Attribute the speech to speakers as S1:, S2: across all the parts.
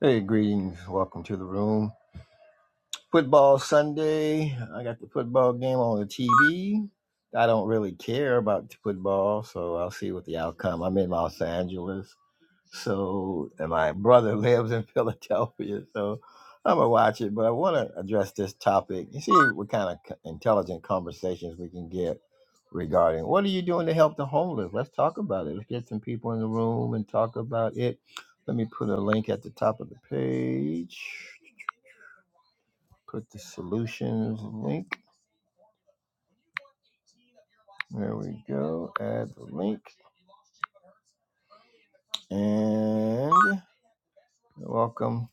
S1: Hey, greetings. Welcome to the room. Football Sunday. I got the football game on the TV. I don't really care about football, so I'll see what the outcome. I'm in Los Angeles, so and my brother lives in Philadelphia, so I'm gonna watch it. But I want to address this topic and see what kind of co- intelligent conversations we can get regarding what are you doing to help the homeless. Let's talk about it. Let's get some people in the room and talk about it. Let me put a link at the top of the page. Put the solutions link. There we go. Add the link. And welcome.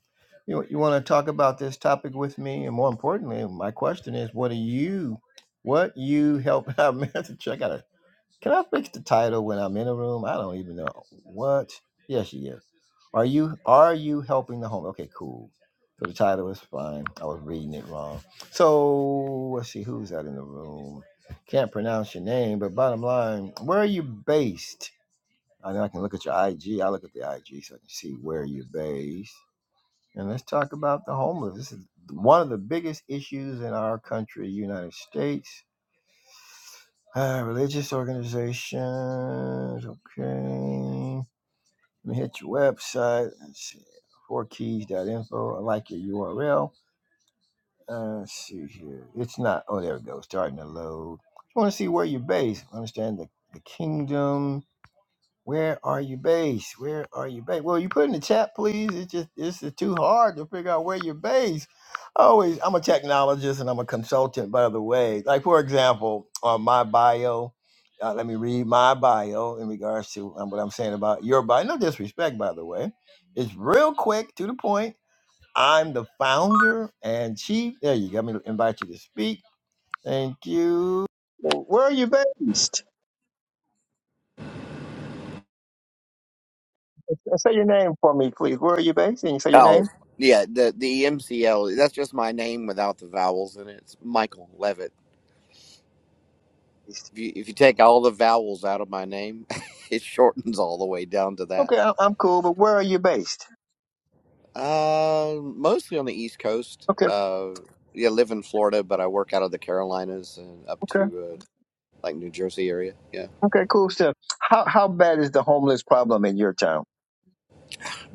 S1: You, you want to talk about this topic with me? And more importantly, my question is what do you, what you help out message? I gotta, can I fix the title when I'm in a room? I don't even know. What? Yes, yes. Are you are you helping the home? Okay, cool. So the title is fine. I was reading it wrong. So let's see who's that in the room. Can't pronounce your name, but bottom line, where are you based? I know I can look at your IG. I look at the IG so I can see where you're based. And let's talk about the homeless. This is one of the biggest issues in our country, United States. Uh, religious organizations. Okay. Let me hit your website. Let's see. Fourkeys.info. I like your URL. Uh, let's see here. It's not. Oh, there we go. Starting to load. I want to see where you're based. Understand the, the kingdom. Where are you based? Where are you based? Well, you put in the chat, please. It's just it's just too hard to figure out where you're based. I Always, I'm a technologist and I'm a consultant, by the way. Like for example, on my bio, uh, let me read my bio in regards to um, what I'm saying about your bio. No disrespect, by the way. It's real quick to the point. I'm the founder and chief. There you go. Let me invite you to speak. Thank you. Well, Where are you based? Say your name for me, please. Where are you based? Can you say your
S2: Oh,
S1: name?
S2: yeah, the the MCL. That's just my name without the vowels in it. It's Michael Levitt.
S1: based?
S2: If you if you take all the vowels out of my name, it shortens all the way down to that.
S1: Okay, I- I'm cool, but where are you based?
S2: Uh, mostly on the East Coast.
S1: Okay,
S2: Uh, yeah, live in Florida, but I work out of the Carolinas and up
S1: okay,
S2: to uh, like New Jersey area. Yeah,
S1: okay, cool stuff. How how bad is the homeless problem in your town?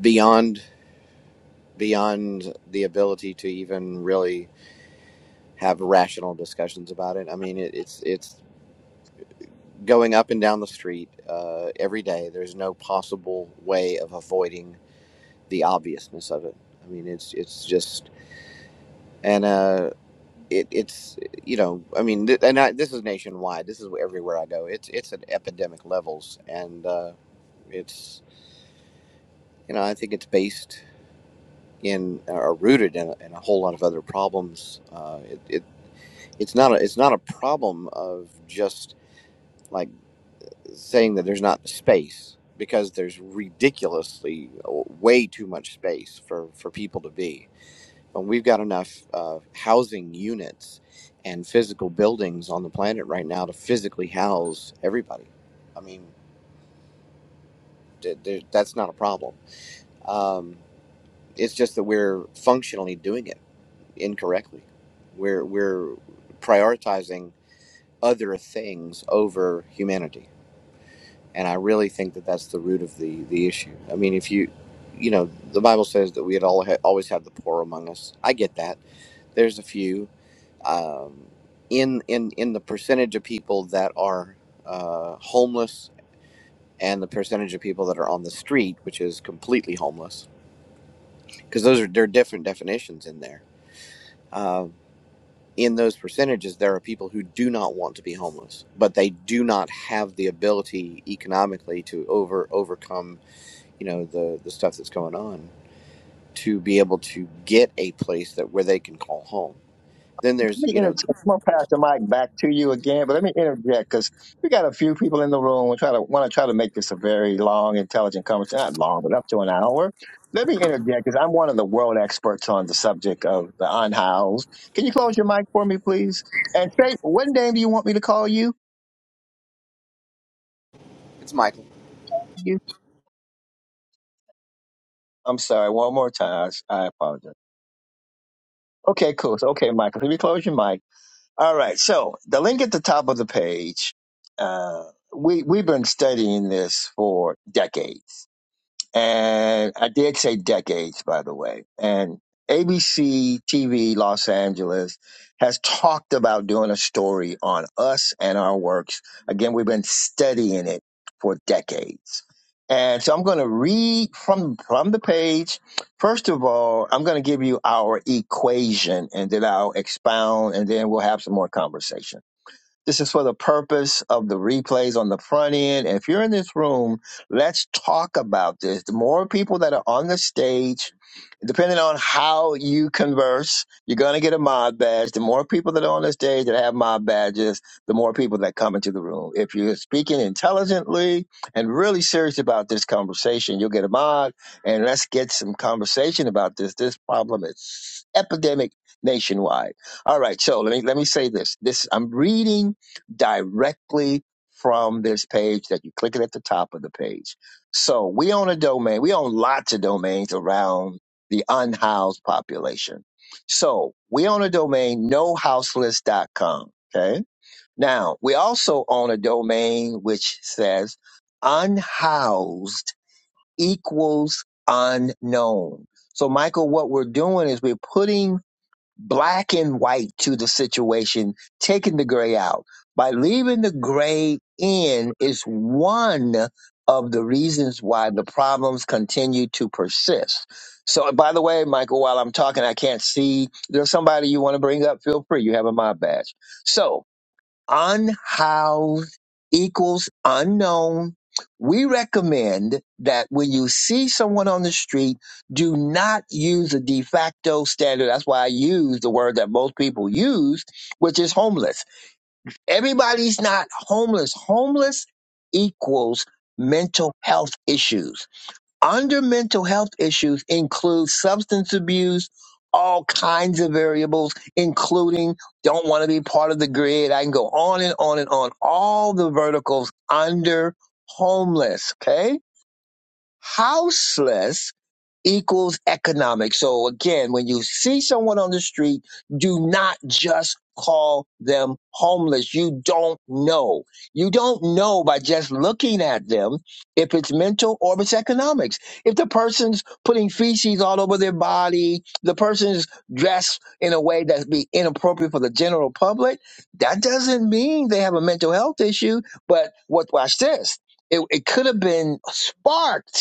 S2: beyond beyond the ability to even really have rational discussions about it. I mean, it, it's it's going up and down the street uh, every day. There's no possible way of avoiding the obviousness of it. I mean, it's it's just and uh, it, it's you know, I mean, th- and I, this is nationwide. This is everywhere I go. It's it's at epidemic levels, and uh, it's you know, I think it's based in or rooted in a, in a whole lot of other problems. Uh, it, it it's not a it's not a problem of just like. saying that there's not space because there's ridiculously uh, way too much space for for people to be and we've got enough uh, housing units and physical buildings on the planet right now to physically house everybody i mean th- th- that's not a problem um, it's just that we're functionally doing it incorrectly we're we're prioritizing other things over humanity and I really think that that's the root of the the issue. I mean, if you, you know, the Bible says that we had all ha- always have the poor among us. I get that. There's a few um, in in in the percentage of people that are uh, homeless and the percentage of people that are on the street, which is completely homeless, because those are there are different definitions in there. Um, in those percentages, there are people who do not want to be homeless, but they do not have the ability economically to over overcome you know the the stuff that's going on to be able to get a place that where they can call home then
S1: Let
S2: there's
S1: me
S2: you know
S1: interject. I'm gonna pass the mic back to you again, but let me interject because we got a few people in the room. We try to want to try to make this a very long, intelligent conversation. Not long, but up to an hour. Let me interject because I'm one of the world experts on the subject of the unhoused. Can you close your mic for me, please? And say, what name do you want me to call you?
S2: it's michael
S1: You. I'm sorry. One more time. I, I apologize. Okay, cool. So, okay, Michael, can you close your mic? All right. So the link at the top of the page. Uh, we we've been studying this for decades and I did say decades, by the way. And ABC TV Los Angeles has talked about doing a story on us and our works. Again, we've been studying it for decades. And so I'm going to read from, from the page. First of all, I'm going to give you our equation and then I'll expound and then we'll have some more conversation. This is for the purpose of the replays on the front end. And If you're in this room, let's talk about this. The more people that are on the stage, depending on how you converse, you're going to get a mod badge. The more people that are on the stage that have mod badges, the more people that come into the room. If you're speaking intelligently and really serious about this conversation, you'll get a mod. And let's get some conversation about this. This problem is epidemic nationwide. All right, so let me let me say this. This I'm reading directly from this page that you click it at the top of the page. So we own a domain. We own lots of domains around the unhoused population. So we own a domain, nohouseless.com. Okay. Now we also own a domain which says unhoused equals unknown. So Michael, what we're doing is we're putting black and white to the situation, taking the gray out. By leaving the gray in is one of the reasons why the problems continue to persist. So, by the way, Michael, while I'm talking, I can't see. There's somebody you want to bring up. Feel free. You have a mob badge. So, unhoused equals unknown. We recommend that when you see someone on the street, do not use a de facto standard. That's why I use the word that most people use, which is homeless. Everybody's not homeless. Homeless equals mental health issues under mental health issues include substance abuse, all kinds of variables, including don't want to be part of the grid. I can go on and on and on. All the verticals under homeless, okay? Houseless equals economic. So again, when you see someone on the street, do not just call them homeless. You don't know. You don't know by just looking at them if it's mental or if it's economics. If the person's putting feces all over their body, the person's dressed in a way that be inappropriate for the general public, that doesn't mean they have a mental health issue. But what watch this. It, it could have been sparked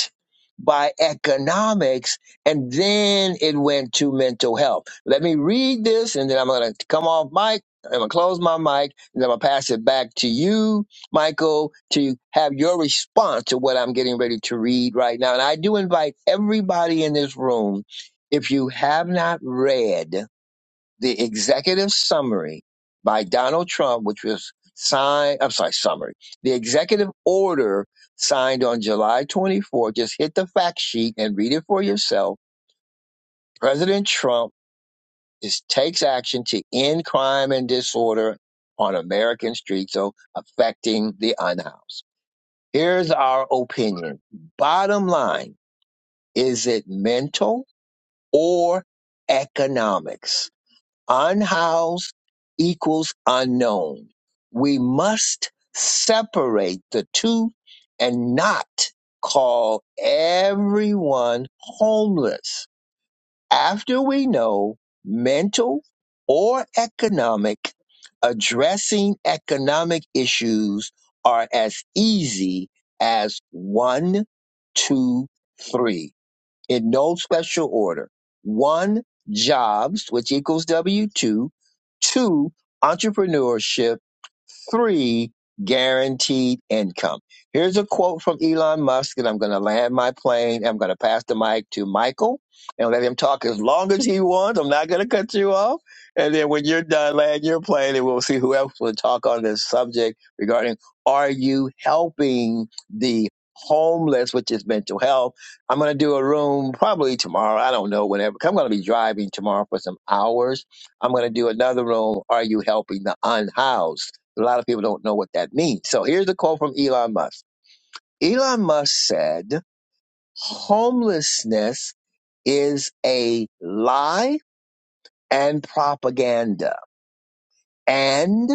S1: by economics, and then it went to mental health. Let me read this, and then I'm going to come off mic. I'm going to close my mic, and I'm going to pass it back to you, Michael, to have your response to what I'm getting ready to read right now. And I do invite everybody in this room, if you have not read, the executive summary by Donald Trump, which was signed, I'm sorry, summary. The executive order signed on July 24, just hit the fact sheet and read it for yourself. President Trump is, takes action to end crime and disorder on American streets, so affecting the unhoused. Here's our opinion. Bottom line, is it mental or economics? Unhoused equals unknown. We must separate the two and not call everyone homeless after we know mental or economic. Addressing economic issues are as easy as one, two, three in no special order. One, jobs, which equals W 2. Two, entrepreneurship three guaranteed income. Here's a quote from Elon Musk, and I'm going to land my plane. I'm going to pass the mic to Michael and let him talk as long as he wants. I'm not going to cut you off. And then when you're done, land your plane, and we'll see who else will talk on this subject regarding are you helping the homeless, which is mental health? I'm going to do a room probably tomorrow. I don't know, whenever. I'm going to be driving tomorrow for some hours. I'm going to do another room. Are you helping the unhoused? A lot of people don't know what that means. So here's a quote from Elon Musk. Elon Musk said, homelessness is a lie and propaganda. And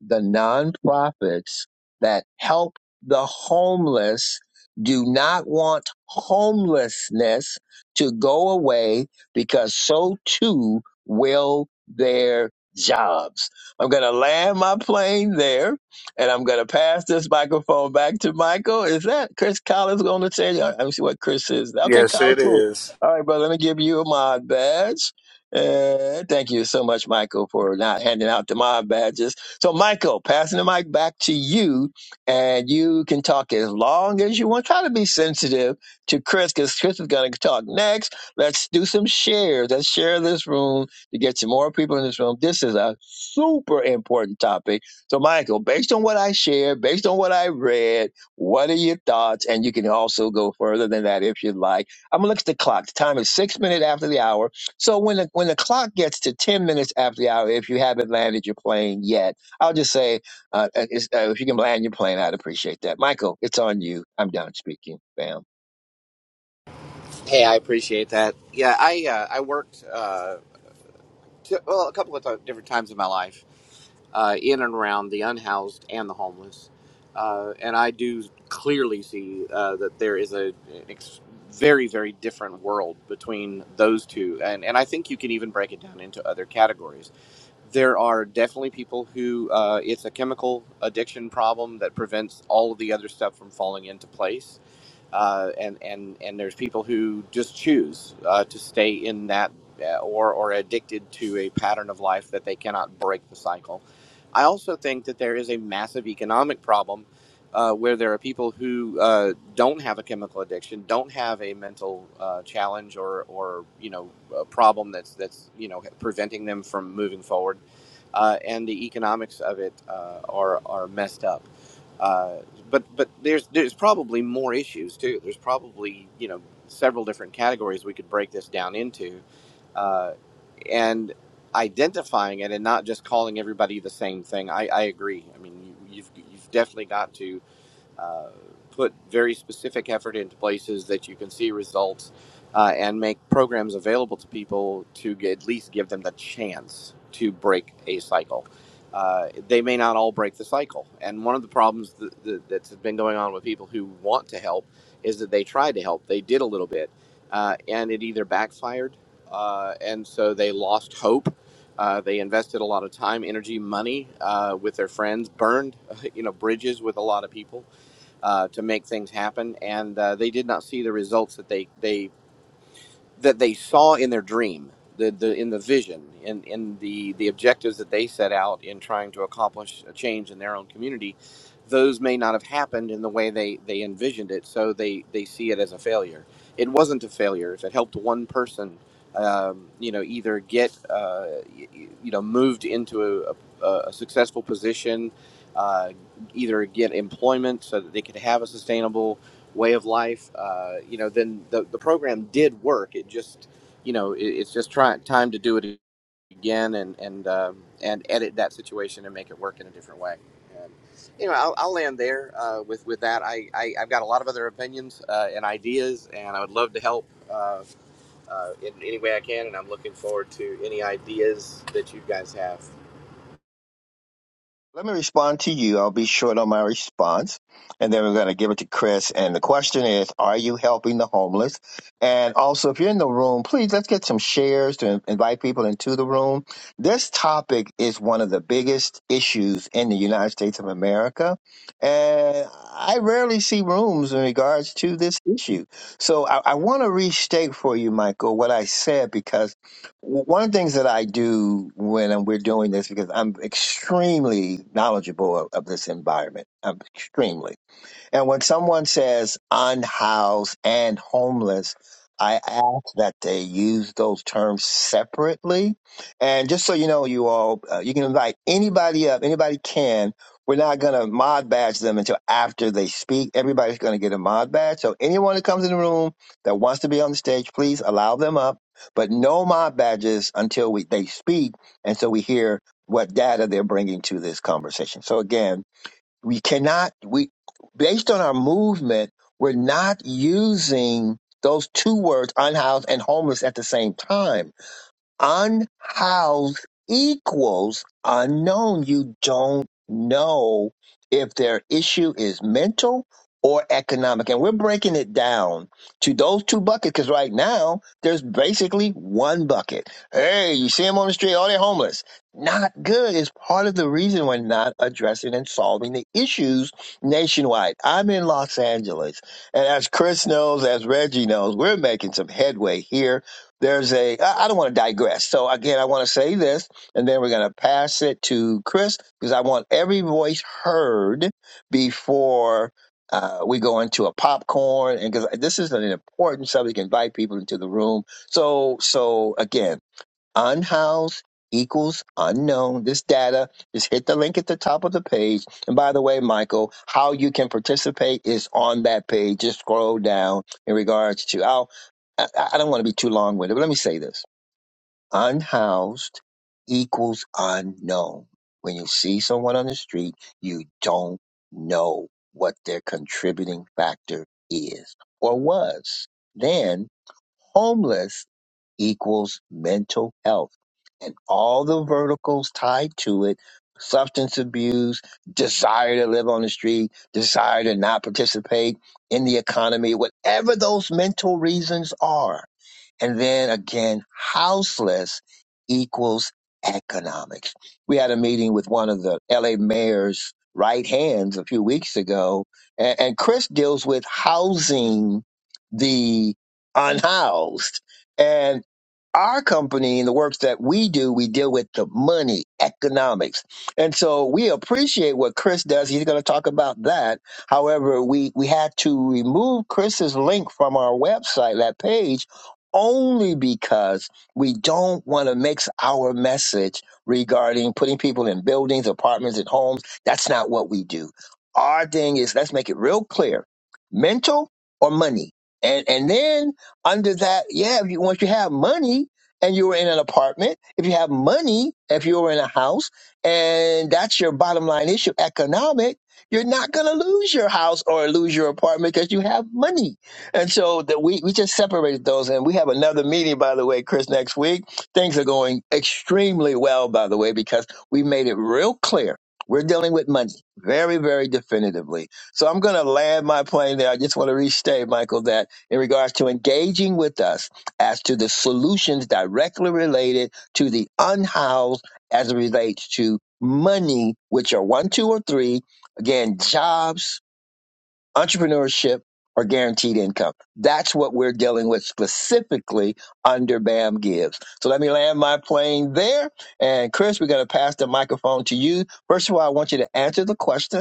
S1: the nonprofits that help the homeless do not want homelessness to go away because so too will their jobs. I'm going to land my plane there and I'm going to pass this microphone back to Michael. Is that Chris Collins going to say? I I see what Chris is. Okay,
S3: Yes,
S1: Collins,
S3: it
S1: cool.
S3: is.
S1: All right, brother, let me give you a mod badge. Uh, thank you so much, Michael, for not handing out the mod badges. So, Michael, passing the mic back to you, and you can talk as long as you want. Try to be sensitive to Chris because Chris is going to talk next. Let's do some shares. Let's share this room to get some more people in this room. This is a super important topic. So, Michael, based on what I shared, based on what I read, what are your thoughts? And you can also go further than that if you'd like. I'm going to look at the clock. The time is six minutes after the hour. So when the when the clock gets to ten minutes after the hour, if you haven't landed your plane yet I'll just say, uh, uh, uh, if you can land your plane, I'd appreciate that. Michael, it's on you. I'm done speaking. Bam.
S2: hey i appreciate that yeah i uh, i worked uh t- well a couple of th- different times in my life uh, in and around the unhoused and the homeless uh, and i do clearly see uh, that there is a ex- very very different world between those two and and i think you can even break it down into other categories there are definitely people who uh, it's a chemical addiction problem that prevents all of the other stuff from falling into place uh, and and and there's people who just choose uh, to stay in that uh, or or addicted to a pattern of life that they cannot break the cycle. I also think that there is a massive economic problem uh, where there are people who uh, don't have a chemical addiction, don't have a mental uh, challenge or or you know a problem that's that's you know preventing them from moving forward, uh, and the economics of it uh, are are messed up. Uh, but but there's there's probably more issues too. There's probably you know several different categories we could break this down into, uh, and identifying it and not just calling everybody the same thing. I, I agree. I mean, you, you've you've definitely got to uh, put very specific effort into places that you can see results uh, and make programs available to people to g- at least give them the chance to break a cycle. Uh, they may not all break the cycle. And one of the problems th- th- that's been going on with people who want to help is that they tried to help, they did a little bit, uh, and it either backfired, uh, and so they lost hope. Uh, they invested a lot of time, energy, money uh, with their friends, burned you know bridges with a lot of people, uh, to make things happen. And uh, they did not see the results that they, they that they saw in their dream, the, the in the vision, in, in the, the objectives that they set out in trying to accomplish a change in their own community, those may not have happened in the way they, they envisioned it, so they, they see it as a failure. It wasn't a failure. If it helped one person, um, you know, either get, uh, y- y- you know, moved into a, a, a successful position, uh, either get employment so that they could have a sustainable way of life, uh, you know, then the, the program did work. It just, you know, it, it's just try, time to do it again and and um, and edit that situation and make it work in a different way. And, you know, I'll, I'll land there uh, with with that. I, I I've got a lot of other opinions uh, and ideas, and I would love to help. Uh, uh, in any way I can, and I'm looking forward to any ideas that you guys have.
S1: Let me respond to you. I'll be short on my response. And then we're going to give it to Chris. And the question is Are you helping the homeless? And also, if you're in the room, please let's get some shares to in- invite people into the room. This topic is one of the biggest issues in the United States of America. And I rarely see rooms in regards to this issue. So I, I want to restate for you, Michael, what I said because one of the things that I do when I'm- we're doing this, because I'm extremely knowledgeable of, of this environment, I'm extremely. And when someone says unhoused and homeless, I ask that they use those terms separately. And just so you know, you all, uh, you can invite anybody up, anybody can. We're not going to mod badge them until after they speak. Everybody's going to get a mod badge. So anyone that comes in the room that wants to be on the stage, please allow them up, but no mod badges until we, they speak. And so we hear what data they're bringing to this conversation. So again, we cannot, we, based on our movement, we're not using those two words, unhoused and homeless, at the same time unhoused equals unknown. You don't know if their issue is mental or economic. And we're breaking it down to those two buckets because right now there's basically one bucket. Hey, you see them on the street, all they're homeless. Not good It's part of the reason we're not addressing and solving the issues nationwide. I'm in Los Angeles, and as Chris knows, as Reggie knows, we're making some headway here there's a, I I don't want to digress. So again, I want to say this, and then we're going to pass it to Chris because I want every voice heard before uh, we go into a popcorn. And because this is an important subject, invite people into the room. So, so again, unhoused equals unknown. This data, just hit the link at the top of the page. And by the way, Michael, how you can participate is on that page. Just scroll down in regards to, I'll, I, I don't want to be too long winded, but let me say this. Unhoused equals unknown. When you see someone on the street, you don't know what their contributing factor is or was. Then homeless equals mental health and all the verticals tied to it substance abuse, desire to live on the street, desire to not participate in the economy, whatever those mental reasons are and then again, houseless equals economics. We had a meeting with one of the LA mayor's right hands a few weeks ago, and, and Chris deals with housing the unhoused. And our company and the works that we do, we deal with the money, economics. And so we appreciate what Chris does. He's going to talk about that. However, we, we had to remove Chris's link from our website, that page, only because we don't want to mix our message regarding putting people in buildings, apartments, and homes. That's not what we do. Our thing is let's make it real clear mental or money. And, and then under that, yeah, if you, once you have money and you're in an apartment, if you have money, if you're in a house, and that's your bottom line issue, economic, you're not going to lose your house or lose your apartment because you have money and so that we, we just separated those and we have another meeting, by the way, Chris, next week. Things are going extremely well, by the way, because we made it real clear. We're dealing with money very, very definitively. So I'm going to land my plane there. I just want to restate, Michael, that in regards to engaging with us as to the solutions directly related to the unhoused as it relates to money, which are one, two, or three. Again, jobs, entrepreneurship or guaranteed income. That's what we're dealing with specifically under BAM Gives. So let me land my plane there. And Chris, we're going to pass the microphone to you. First of all, I want you to answer the question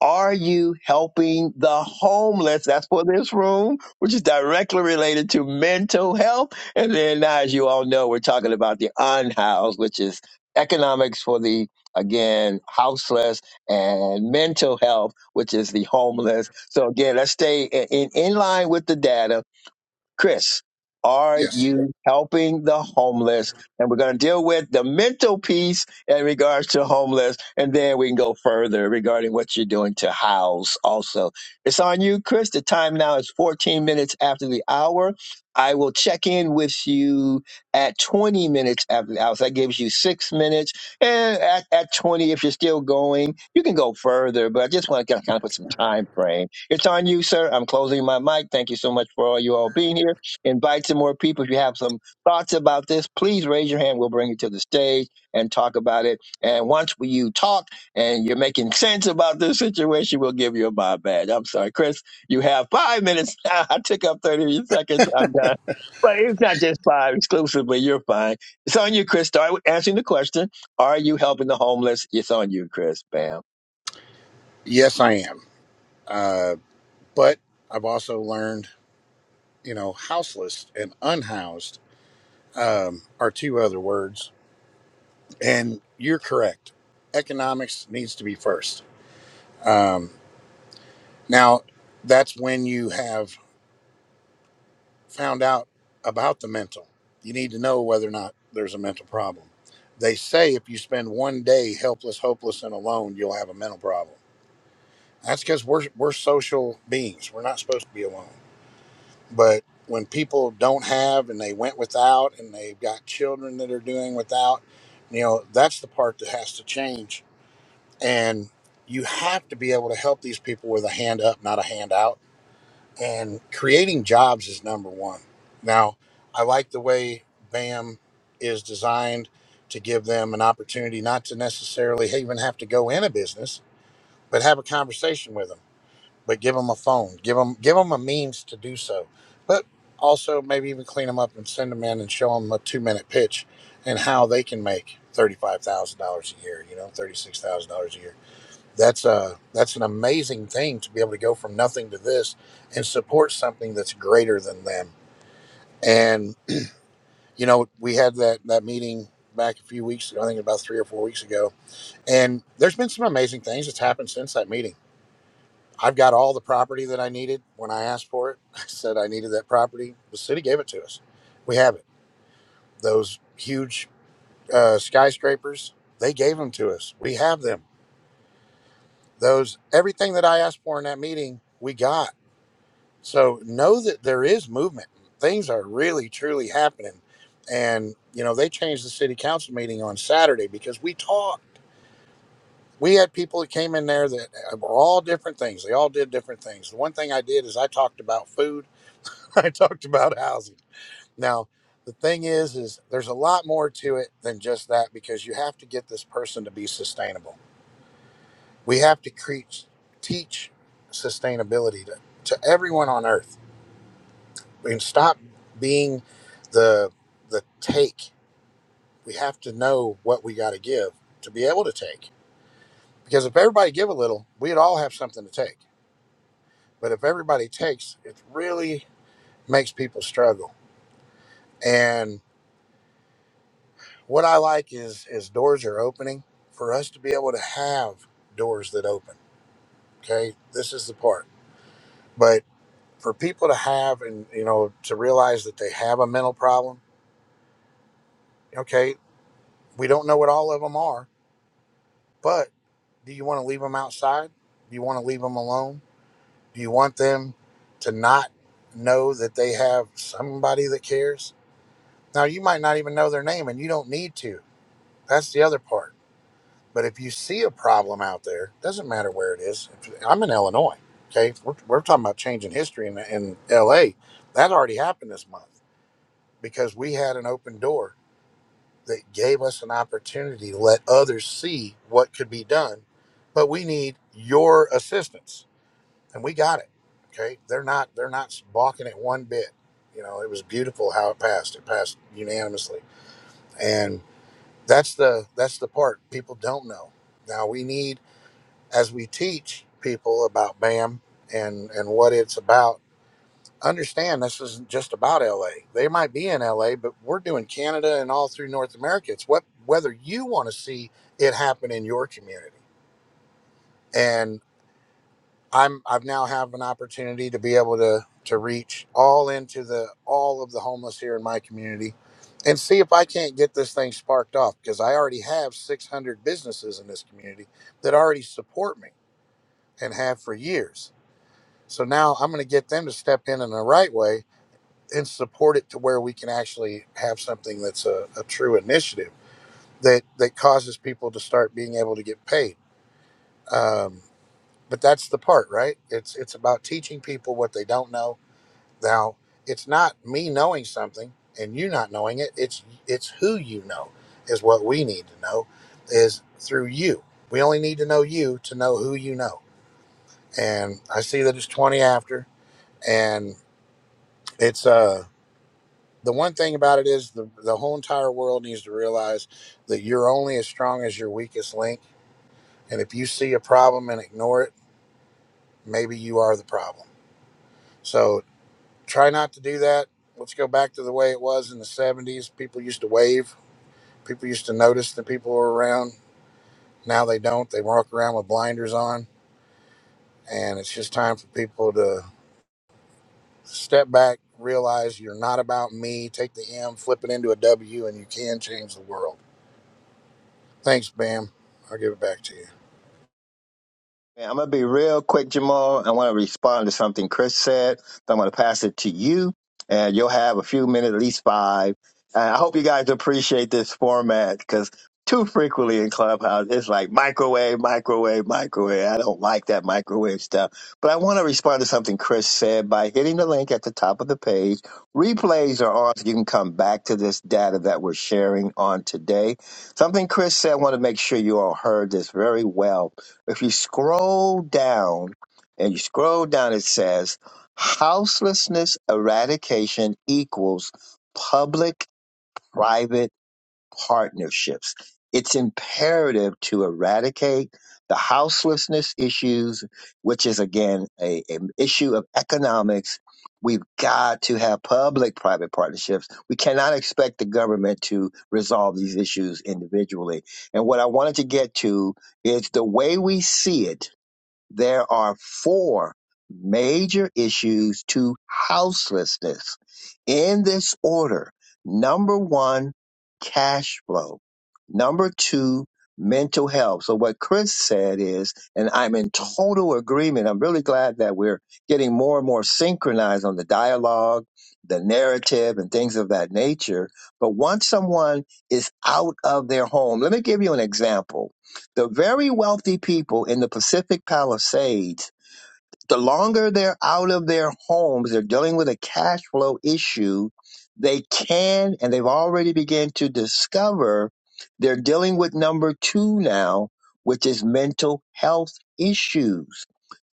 S1: are you helping the homeless? That's for this room, which is directly related to mental health. And then now, as you all know, we're talking about the unhoused, which is economics for the, again, houseless and mental health, which is the homeless. So again, let's stay in, in, in line with the data Chris, are
S3: Yes.
S1: you helping the homeless? And we're going to deal with the mental piece in regards to homeless, and then we can go further regarding what you're doing to house also. It's on you, Chris. The time now is 14 minutes after the hour. I will check in with you at 20 minutes after the hour. So that gives you six minutes. And at, at 20, if you're still going, you can go further, but I just want to kind of put some time frame it's on you, sir. I'm closing my mic. Thank you so much for all you all being here. Invite some more people. If you have some thoughts about this, please raise your hand. We'll bring you to the stage and talk about it. And once we, you talk and you're making sense about this situation, we'll give you a Bob badge. I'm sorry, Chris. You have five minutes. I took up 30 seconds. I'm done. But it's not just five exclusively. You're fine. It's on you, Chris. Start with answering the question. Are you helping the homeless? It's on you, Chris. Bam.
S3: Yes, I am. But I've also learned, you know, houseless and unhoused are two other words. And you're correct. Economics needs to be first. Um, now, that's when you have found out about the mental. You need to know whether or not there's a mental problem. They say if you spend one day helpless, hopeless, and alone, you'll have a mental problem. That's because we're, we're social beings. We're not supposed to be alone. But when people don't have and they went without and they've got children that are doing without, you know, that's the part that has to change. And you have to be able to help these people with a hand up, not a hand out. And creating jobs is number one. Now, I like the way BAM is designed to give them an opportunity not to necessarily even have to go in a business, but have a conversation with them but give them a phone give them give them a means to do so but also maybe even clean them up and send them in and show them a two minute pitch and how they can make $35000 a year you know $36000 a year that's a that's an amazing thing to be able to go from nothing to this and support something that's greater than them and you know we had that that meeting back a few weeks ago i think about three or four weeks ago and there's been some amazing things that's happened since that meeting I've got all the property that I needed when I asked for it. I said I needed that property. The city gave it to us. We have it. Those huge uh, skyscrapers, they gave them to us. We have them. Those everything that I asked for in that meeting, we got. So know that there is movement. Things are really truly happening. And you know they changed the city council meeting on Saturday because we talked. We had people that came in there that uh, were all different things. They all did different things. The one thing I did is I talked about food I talked about housing. Now, the thing is, is there's a lot more to it than just that because you have to get this person to be sustainable. We have to create, teach sustainability to, to everyone on earth and stop being the the take. We have to know what we got to give to be able to take. Because if everybody give a little, we'd all have something to take. But if everybody takes, it really makes people struggle. and. What I like is is doors are opening for us to be able to have doors that open. Okay, this is the part. But for people to have and you know to realize that they have a mental problem. Okay, we don't know what all of them are, but do you want to leave them outside? Do you want to leave them alone? Do you want them to not know that they have somebody that cares? Now, you might not even know their name and you don't need to. That's the other part. But if you see a problem out there, doesn't matter where it is. If, I'm in Illinois. Okay, we're, we're talking about changing history in, in L.A. That already happened this month because we had an open door that gave us an opportunity to let others see what could be done. But we need your assistance, and we got it. Okay, they're not they're not balking it one bit. You know, it was beautiful how it passed. It passed unanimously, and that's the that's the part people don't know. Now we need as we teach people about BAM and and what it's about, understand this isn't just about LA. They might be in LA, but we're doing Canada and all through North America. It's what whether you want to see it happen in your community. And I'm I've now have an opportunity to be able to to reach all into the all of the homeless here in my community and see if I can't get this thing sparked off because I already have 600 businesses in this community that already support me and have for years So now I'm going to get them to step in in the right way and support it to where we can actually have something that's a, a true initiative that that causes people to start being able to get paid. Um, but that's the part, right? It's it's about teaching people what they don't know. Now, it's not me knowing something and you not knowing it. It's it's who you know is what we need to know is through you. We only need to know you to know who you know. And I see that it's 20 after and it's uh the one thing about it is the, the whole entire world needs to realize that you're only as strong as your weakest link. And if you see a problem and ignore it, maybe you are the problem. So try not to do that. Let's go back to the way it was in the 70s. People used to wave, people used to notice the people who were around. Now they don't. They walk around with blinders on. And it's just time for people to step back, realize you're not about me, take the M, flip it into a W, and you can change the world. Thanks, Bam. I'll give it back to you.
S1: I'm gonna be real quick, Jamal. I want to respond to something Chris said. So I'm gonna pass it to you, and you'll have a few minutes, at least five. And I hope you guys appreciate this format because too frequently in Clubhouse, it's like microwave, microwave, microwave. I don't like that microwave stuff. But I want to respond to something Chris said by hitting the link at the top of the page. Replays are on, so you can come back to this data that we're sharing on today. Something Chris said, I want to make sure you all heard this very well if you scroll down and you scroll down, it says houselessness eradication equals public private partnerships. It's imperative to eradicate the houselessness issues, which is again a, an issue of economics. We've got to have public private partnerships. We cannot expect the government to resolve these issues individually. And what I wanted to get to is the way we see it there are four major issues to houselessness in this order. Number one, cash flow. Number two, mental health. So what Chris said is, and I'm in total agreement. I'm really glad that we're getting more and more synchronized on the dialogue, the narrative and things of that nature. But once someone is out of their home, let me give you an example the very wealthy people in the Pacific Palisades the longer they're out of their homes, they're dealing with a cash flow issue, they can, and they've already began to discover they're dealing with number two now, which is mental health issues.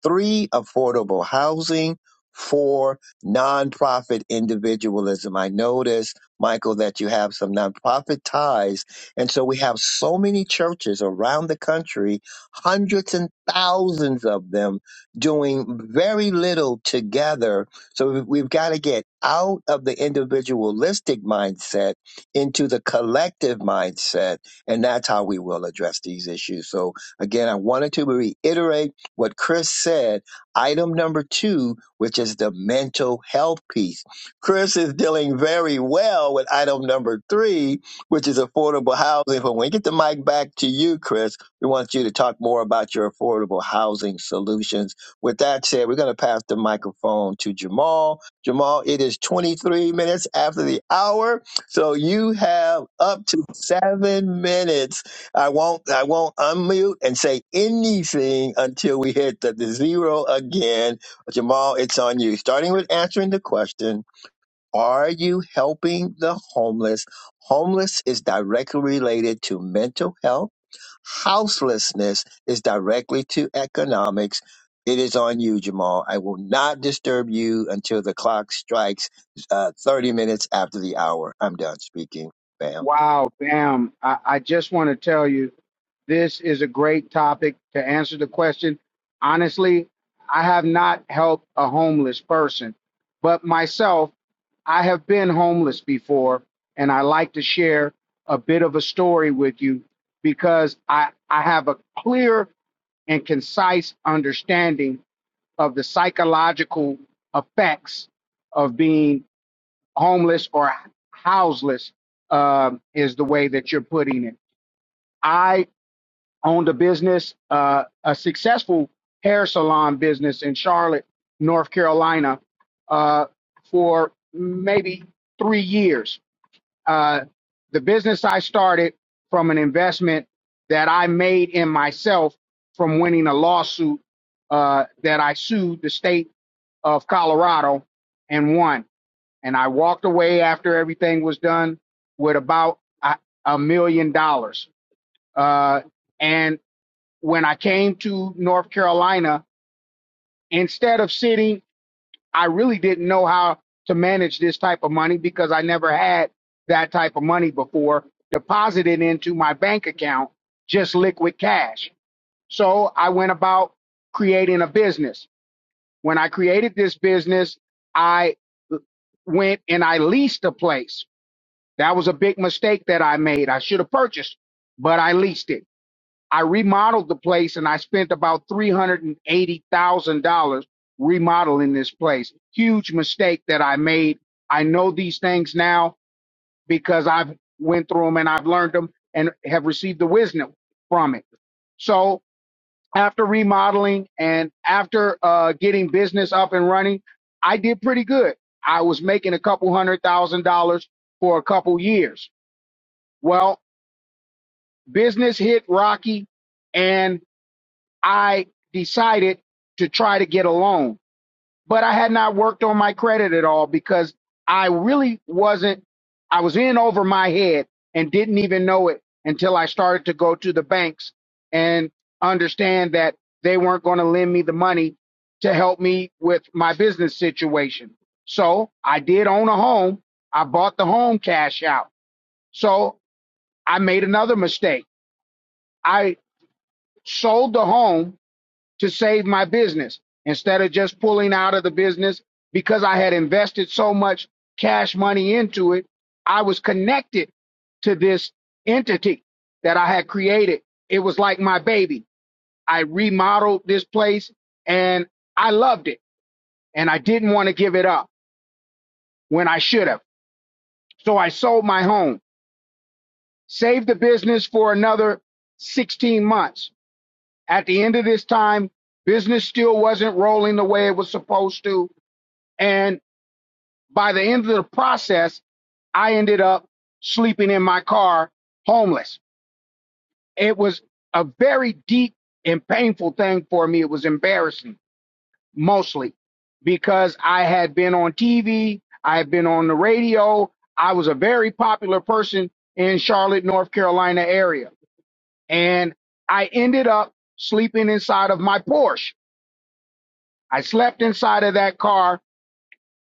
S1: Three, affordable housing. Four, nonprofit individualism. I notice, Michael, that you have some nonprofit ties. And so we have so many churches around the country, hundreds and thousands of them doing very little together. So we- we've got to get out of the individualistic mindset into the collective mindset. And that's how we will address these issues. So again, I wanted to reiterate what Chris said. Item number two, which is the mental health piece. Chris is dealing very well with item number three, which is affordable housing. But when we get the mic back to you, Chris, we want you to talk more about your affordable housing solutions with that said, we're going to pass the microphone to Jamal. Jamal, it is 23 minutes after the hour, so you have up to seven minutes. I won't, I won't unmute and say anything until we hit the, the zero again. Jamal, it's on you. Starting with answering the question: Are you helping the homeless? Homeless is directly related to mental health Houselessness is directly to economics. It is on you, Jamal. I will not disturb you until the clock strikes uh, 30 minutes after the hour. I'm done speaking, bam.
S4: Wow, bam. I, I just want to tell you this is a great topic to answer the question. Honestly, I have not helped a homeless person, but myself, I have been homeless before, and I like to share a bit of a story with you because I, I have a clear and concise understanding of the psychological effects of being homeless or houseless um, is the way that you're putting it. I owned a business, uh, a successful hair salon business in Charlotte, North Carolina, uh, for maybe three years. Uh, the business I started from an investment that I made in myself from winning a lawsuit uh, that I sued the state of Colorado and won and I walked away after everything was done with about a, a million dollars. Uh, and when I came to North Carolina, instead of sitting, I really didn't know how to manage this type of money because I never had that type of money before deposited into my bank account, just liquid cash. So I went about creating a business. When I created this business, I went and I leased a place That was a big mistake that I made. I should have purchased, but I leased it. I remodeled the place and I spent about $380,000 remodeling this place. Huge mistake that I made. I know these things now because I've went through them and I've learned them and have received the wisdom from it. So after remodeling and after uh, getting business up and running, I did pretty good. I was making a couple hundred thousand dollars for a couple years well, business hit rocky and I decided to try to get a loan. But I had not worked on my credit at all because I really wasn't, I was in over my head and didn't even know it until I started to go to the banks and understand that they weren't going to lend me the money to help me with my business situation. So I did own a home. I bought the home cash out. So I made another mistake. I sold the home to save my business instead of just pulling out of the business because I had invested so much cash money into it. I was connected to this entity that I had created. It was like my baby. I remodeled this place and I loved it and I didn't want to give it up when I should have. So I sold my home, saved the business for another 16 months At the end of this time, business still wasn't rolling the way it was supposed to. And by the end of the process, I ended up sleeping in my car, homeless. It was a very deep and painful thing for me. It was embarrassing, mostly because I had been on TV, I had been on the radio. I was a very popular person in Charlotte, North Carolina area. And I ended up sleeping inside of my Porsche I slept inside of that car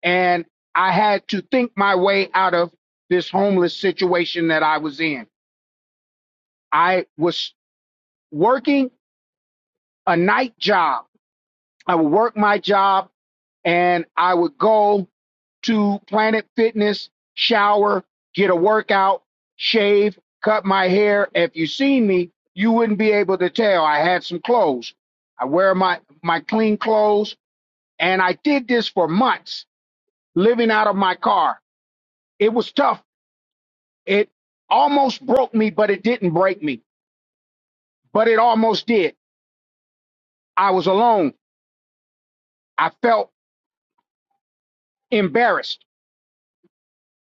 S4: and I had to think my way out of this homeless situation that I was in. I was working a night job. I would work my job and I would go to Planet Fitness, shower, get a workout, shave, cut my hair. If you seen me, you wouldn't be able to tell. I had some clothes. I wear my, my clean clothes and I did this for months living out of my car. It was tough. It almost broke me, but it didn't break me. But it almost did. I was alone. I felt embarrassed.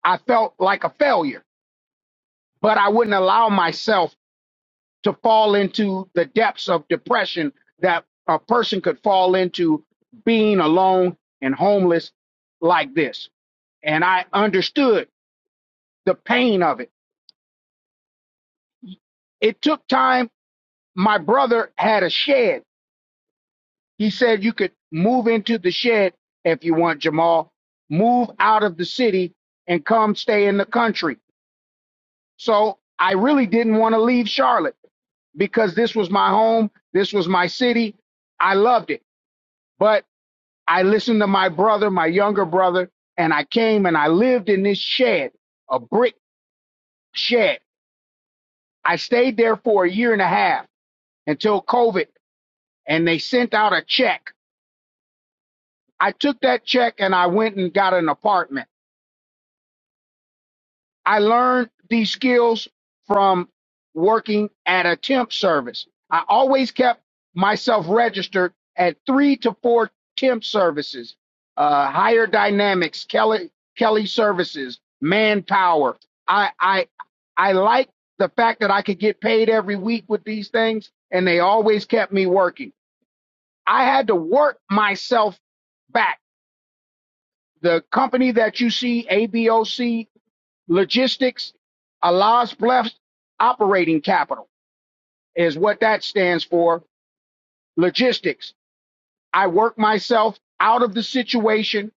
S4: I felt like a failure, but I wouldn't allow myself to fall into the depths of depression that a person could fall into being alone and homeless like this. And I understood the pain of it. It took time. My brother had a shed He said you could move into the shed if you want, Jamal. Move out of the city and come stay in the country. So I really didn't want to leave Charlotte because this was my home. This was my city. I loved it. But I listened to my brother, my younger brother, and I came and I lived in this shed, a brick shed. I stayed there for a year and a half until COVID and they sent out a check. I took that check and I went and got an apartment. I learned these skills from working at a temp service. I always kept myself registered at three to four temp services, uh, Higher Dynamics, Kelly Kelly Services, Manpower. I I I like the fact that I could get paid every week with these things, and they always kept me working. I had to work myself back. The company that you see, ABOC logistics, Allah's blessed operating capital is what that stands for. Logistics. I work myself out of the situation.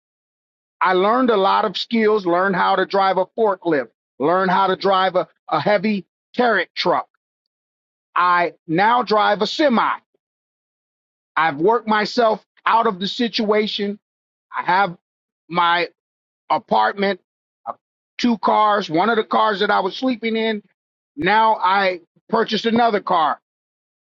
S4: I learned a lot of skills, learned how to drive a forklift, learned how to drive a, a heavy carrot truck. I now drive a semi. I've worked myself out of the situation. I have my apartment, uh, two cars. One of the cars that I was sleeping in, now I purchased another car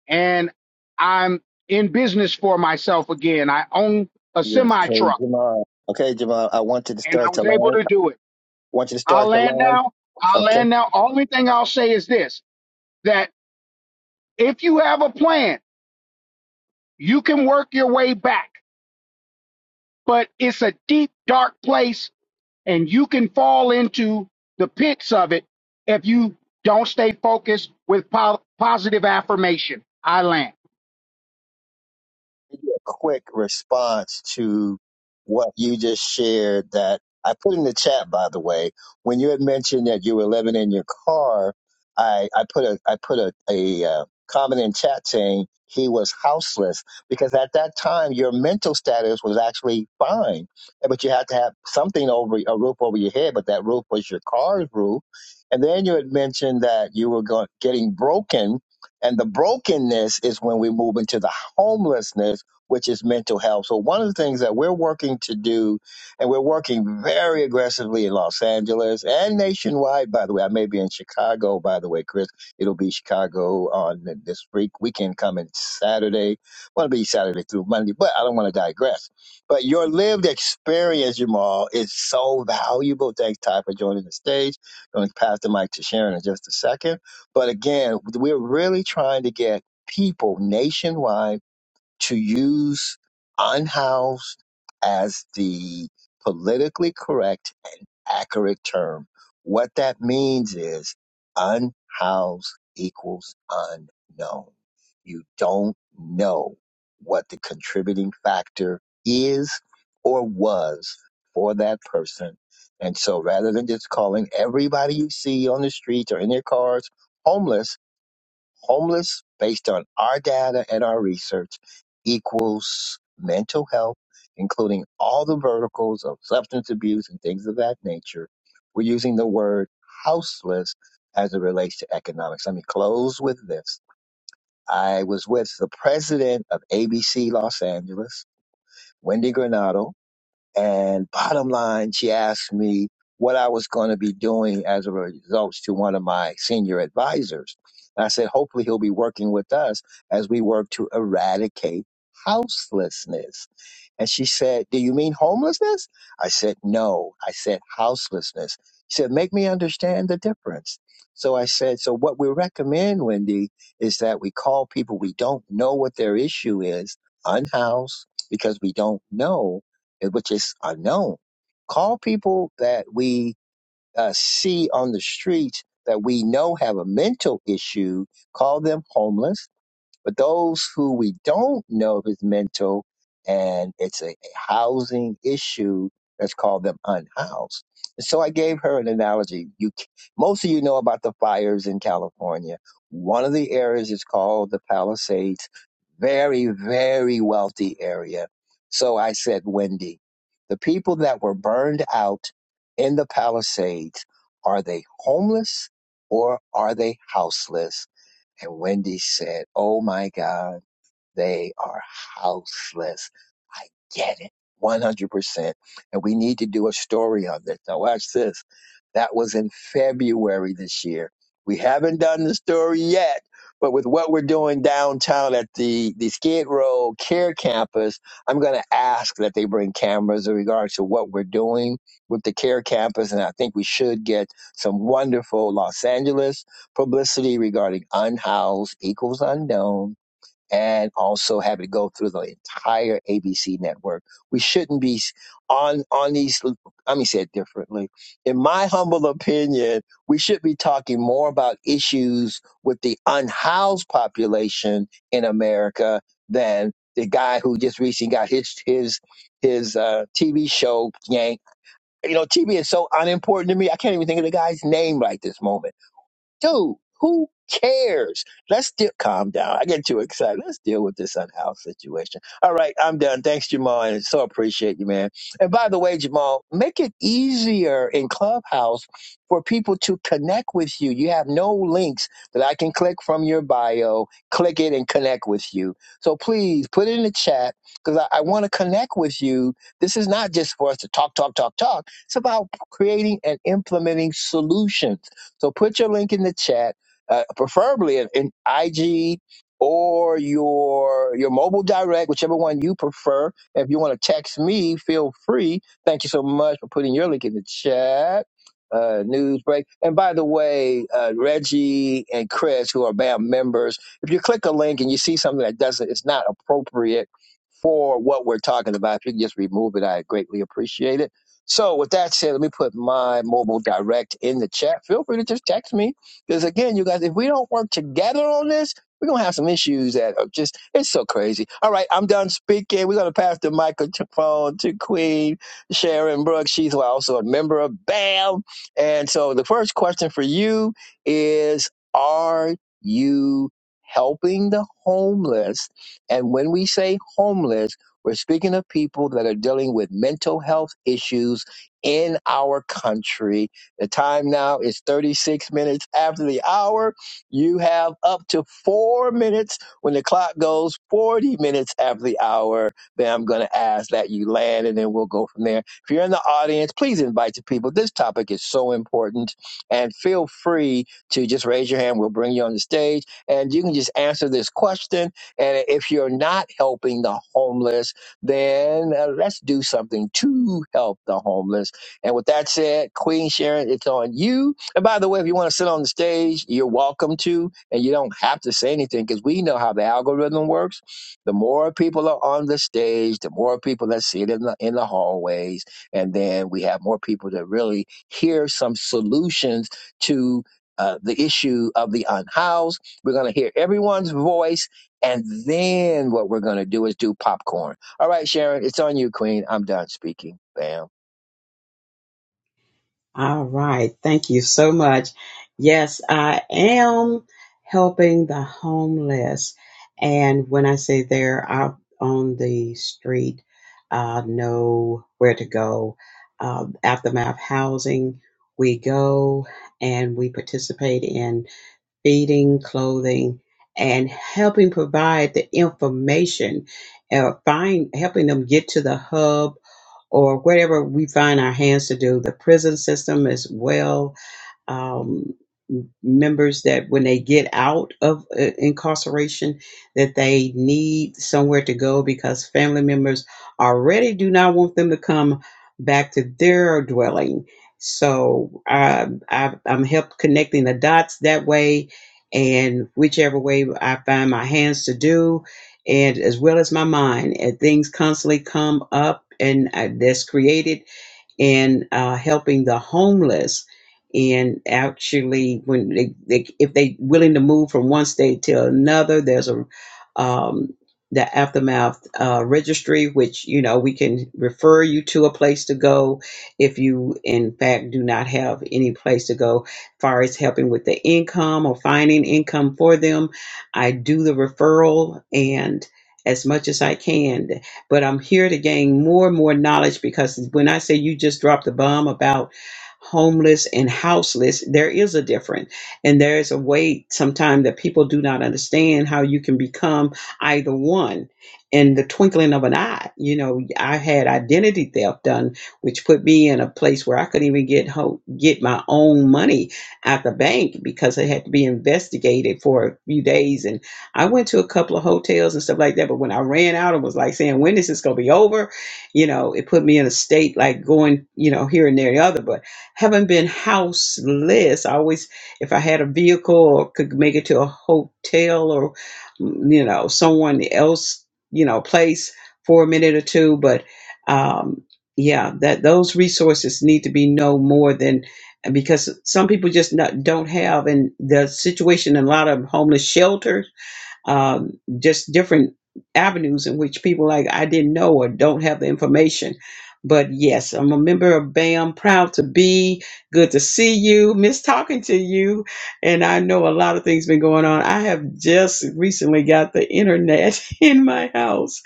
S4: and I'm in business for myself again. I own a
S1: Yes.
S4: semi
S1: Hey,
S4: truck
S1: Jamal. Okay, Jamal, I want you to
S4: and I
S1: start to
S4: was able
S1: land.
S4: to do it.
S1: I want you to
S4: I'll
S1: start to
S4: land
S1: land.
S4: now. I'll
S1: Okay.
S4: land now. Only thing I'll say is this that if you have a plan, you can work your way back, but it's a deep, dark place and you can fall into the pits of it if you don't stay focused with po- positive affirmation. I land.
S1: quick response to what you just shared that I put in the chat, by the way. When you had mentioned that you were living in your car, I, I put a I put a, a uh, comment in chat saying he was houseless because at that time your mental status was actually fine, but you had to have something over a roof over your head. But that roof was your car's roof, and then you had mentioned that you were going, getting broken, and the brokenness is when we move into the homelessness which is mental health. So one of the things that we're working to do, and we're working very aggressively in Los Angeles and nationwide, by the way, I may be in Chicago, by the way, Chris, it'll be Chicago on this week, weekend coming Saturday. Well, it'll be Saturday through Monday, but I don't want to digress. But your lived experience, Jamal, is so valuable. Thanks, Ty, for joining the stage. I'm going to pass the mic to Sharon in just a second. But again, we're really trying to get people nationwide to use unhoused as the politically correct and accurate term. What that means is unhoused equals unknown. You don't know what the contributing factor is or was for that person. And so rather than just calling everybody you see on the streets or in their cars homeless, homeless based on our data and our research equals mental health, including all the verticals of substance abuse and things of that nature. We're using the word houseless as it relates to economics. Let me close with this. I was with the president of ABC Los Angeles, Wendy Granado, and bottom line, she asked me what I was going to be doing as a result to one of my senior advisors. And I said, hopefully he'll be working with us as we work to eradicate houselessness. And she said, Do you mean homelessness? I said, No. I said, houselessness. She said, Make me understand the difference. So I said, So what we recommend, Wendy, is that we call people we don't know what their issue is, unhoused, because we don't know eh, which is unknown. Call people that we uh, see on the streets that we know have a mental issue, call them homeless but those who we don't know if it's mental and it's a, a housing issue, let's call them unhoused. And so I gave her an analogy. You, c- most of you know about the fires in California. One of the areas is called the Palisades, very, very wealthy area. So I said, Wendy, the people that were burned out in the Palisades, are they homeless or are they houseless? And Wendy said, Oh my God. They are houseless. I get it 100%. And we need to do a story on this. Now, watch this. That was in February this year. We haven't done the story yet, but with what we're doing downtown at the, the Skid Row Care Campus, I'm going to ask that they bring cameras in regards to what we're doing with the Care Campus. And I think we should get some wonderful Los Angeles publicity regarding unhoused equals unknown and also have it go through the entire ABC network. We shouldn't be on on these. Let me say it differently. In my humble opinion, we should be talking more about issues with the unhoused population in America than the guy who just recently got his his his uh, TV show yanked. You know, TV is so unimportant to me. I can't even think of the guy's name right this moment dude, who cares? Let's deal. Calm down. I get too excited. Let's deal with this unhoused situation. All right, I'm done. Thanks, Jamal, and so appreciate you, man. And by the way, Jamal, make it easier in Clubhouse for people to connect with you. You have no links that I can click from your bio. Click it and connect with you. So please put it in the chat because I, I want to connect with you. This is not just for us to talk, talk, talk, talk. It's about creating and implementing solutions so put your link in the chat, uh, preferably in, in IG or your your mobile direct, whichever one you prefer. If you want to text me, feel free. Thank you so much for putting your link in the chat. Uh, news break. And by the way, uh, Reggie and Chris, who are BAM members, if you click a link and you see something that doesn't, it's not appropriate for what we're talking about. If you can just remove it, I greatly appreciate it. So, with that said, let me put my mobile direct in the chat. Feel free to just text me because, again, you guys, if we don't work together on this, we're gonna have some issues that are just it's so crazy. All right, I'm done speaking. We're gonna pass the microphone to Queen Sharon Brooks. She's also a member of BAM. And so, the first question for you is: Are you helping the homeless? And when we say homeless, we're speaking of people that are dealing with mental health issues in our country. The time now is 36 minutes after the hour. You have up to four minutes when the clock goes 40 minutes after the hour. Then I'm going to ask that you land and then we'll go from there. If you're in the audience, please invite the people. This topic is so important and feel free to just raise your hand. We'll bring you on the stage and you can just answer this question and if you're not helping the homeless, then uh, let's do something to help the homeless. And with that said, Queen Sharon, it's on you. And by the way, if you want to sit on the stage, you're welcome to, and you don't have to say anything because we know how the algorithm works. The more people are on the stage, the more people that see it in the, in the hallways. And then we have more people that really hear some solutions to uh, the issue of the unhoused. We're going to hear everyone's voice and then what we're going to do is do popcorn. All right, Sharon, it's on you, Queen. I'm done speaking. Bam.
S5: All right. Thank you so much. Yes, I am helping the homeless. And when I say they're out on the street, uh, know where to go. Uh, aftermath housing, we go and we participate in feeding, clothing, and helping provide the information, uh, find helping them get to the hub or whatever we find our hands to do. The prison system is well um, members that when they get out of uh, incarceration that they need somewhere to go because family members already do not want them to come back to their dwelling so I, I, i'm helped connecting the dots that way and whichever way i find my hands to do and as well as my mind and things constantly come up and I, that's created in uh, helping the homeless and actually when they, they if they willing to move from one state to another there's a um, the aftermath uh, registry which you know we can refer you to a place to go if you in fact do not have any place to go As far as helping with the income or finding income for them i do the referral and as much as i can but I'm here to gain more and more knowledge because when I say you just dropped the bomb about homeless and houseless, there is a difference. And there is a way sometimes that people do not understand how you can become either one in the twinkling of an eye. You know, I had identity theft done, which put me in a place where I couldn't even get ho- get my own money at the bank because it had to be investigated for a few days and I went to a couple of hotels and stuff like that, but when I ran out and was like saying, when is this going to be over? You know, it put me in a state like going, you know, here and there and the other, but having been houseless, I always, if I had a vehicle or could make it to a hotel or, mm, you know, someone else, you know, place for a minute or two, but, um, yeah, that those resources need to be no more than because some people just not, don't have, and the situation in a lot of homeless shelters um, just different avenues in which people like I didn't know or don't have the information. But yes, I'm a member of BAM. Proud to be. Good to see you. Miss talking to you. And I know a lot of things been going on. I have just recently got the internet in my house.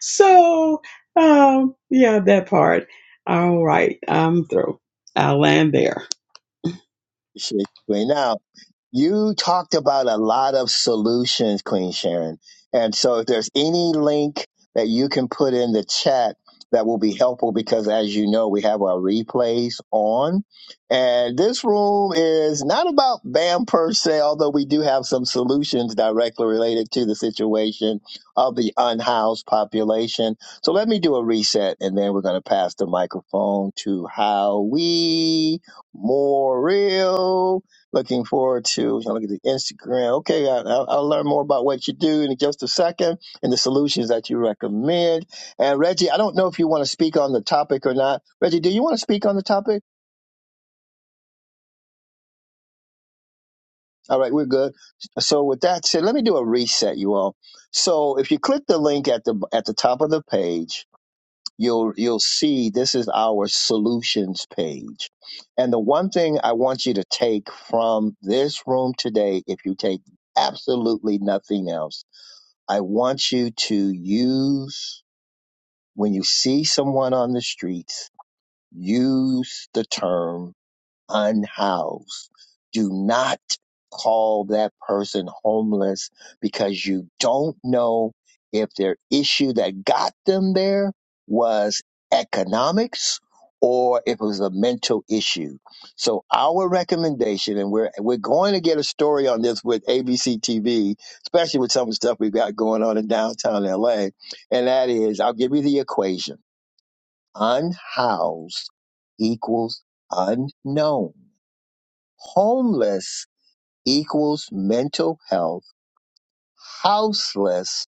S5: So um, yeah, that part. All right, I'm through. I'll land there.
S1: Shit, Queen. Now, You talked about a lot of solutions, Queen Sharon. And so if there's any link that you can put in the chat, that will be helpful because as you know, we have our replays on. And this room is not about BAM per se, although we do have some solutions directly related to the situation of the unhoused population. So let me do a reset and then we're going to pass the microphone to Howie Morrill. Looking forward to look at the Instagram. Okay, I, I'll, I'll learn more about what you do in just a second and the solutions that you recommend. And Reggie, I don't know if you want to speak on the topic or not. Reggie, do you want to speak on the topic? All right, we're good. So with that said, let me do a reset, you all. So if you click the link at the at the top of the page, you'll you'll see this is our solutions page. And the one thing I want you to take from this room today, if you take absolutely nothing else I want you to use, when you see someone on the streets, use the term unhoused. Do not call that person homeless because you don't know if their issue that got them there was economics or if it was a mental issue. So our recommendation, and we're we're going to get a story on this with ABC TV, especially with some of the stuff we've got going on in downtown LA, and that is I'll give you the equation. Unhoused equals unknown Homeless equals mental health. Houseless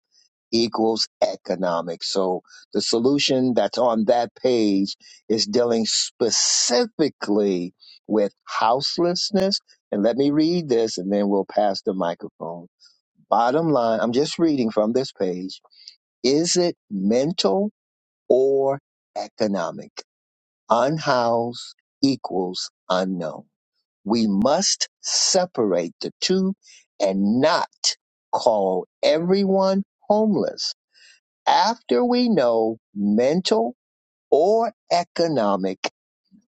S1: equals economic. So the solution that's on that page is dealing specifically with houselessness. And let me read this and then we'll pass the microphone. Bottom line, I'm just reading from this page. Is it mental or economic? Unhoused equals unknown. We must separate the two and not call everyone homeless after we know mental or economic.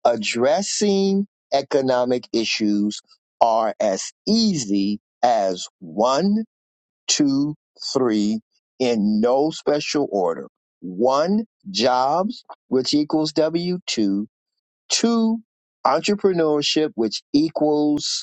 S1: Addressing economic issues are as easy as one, two, three in no special order. One, jobs, which equals W 2. Two, entrepreneurship, which equals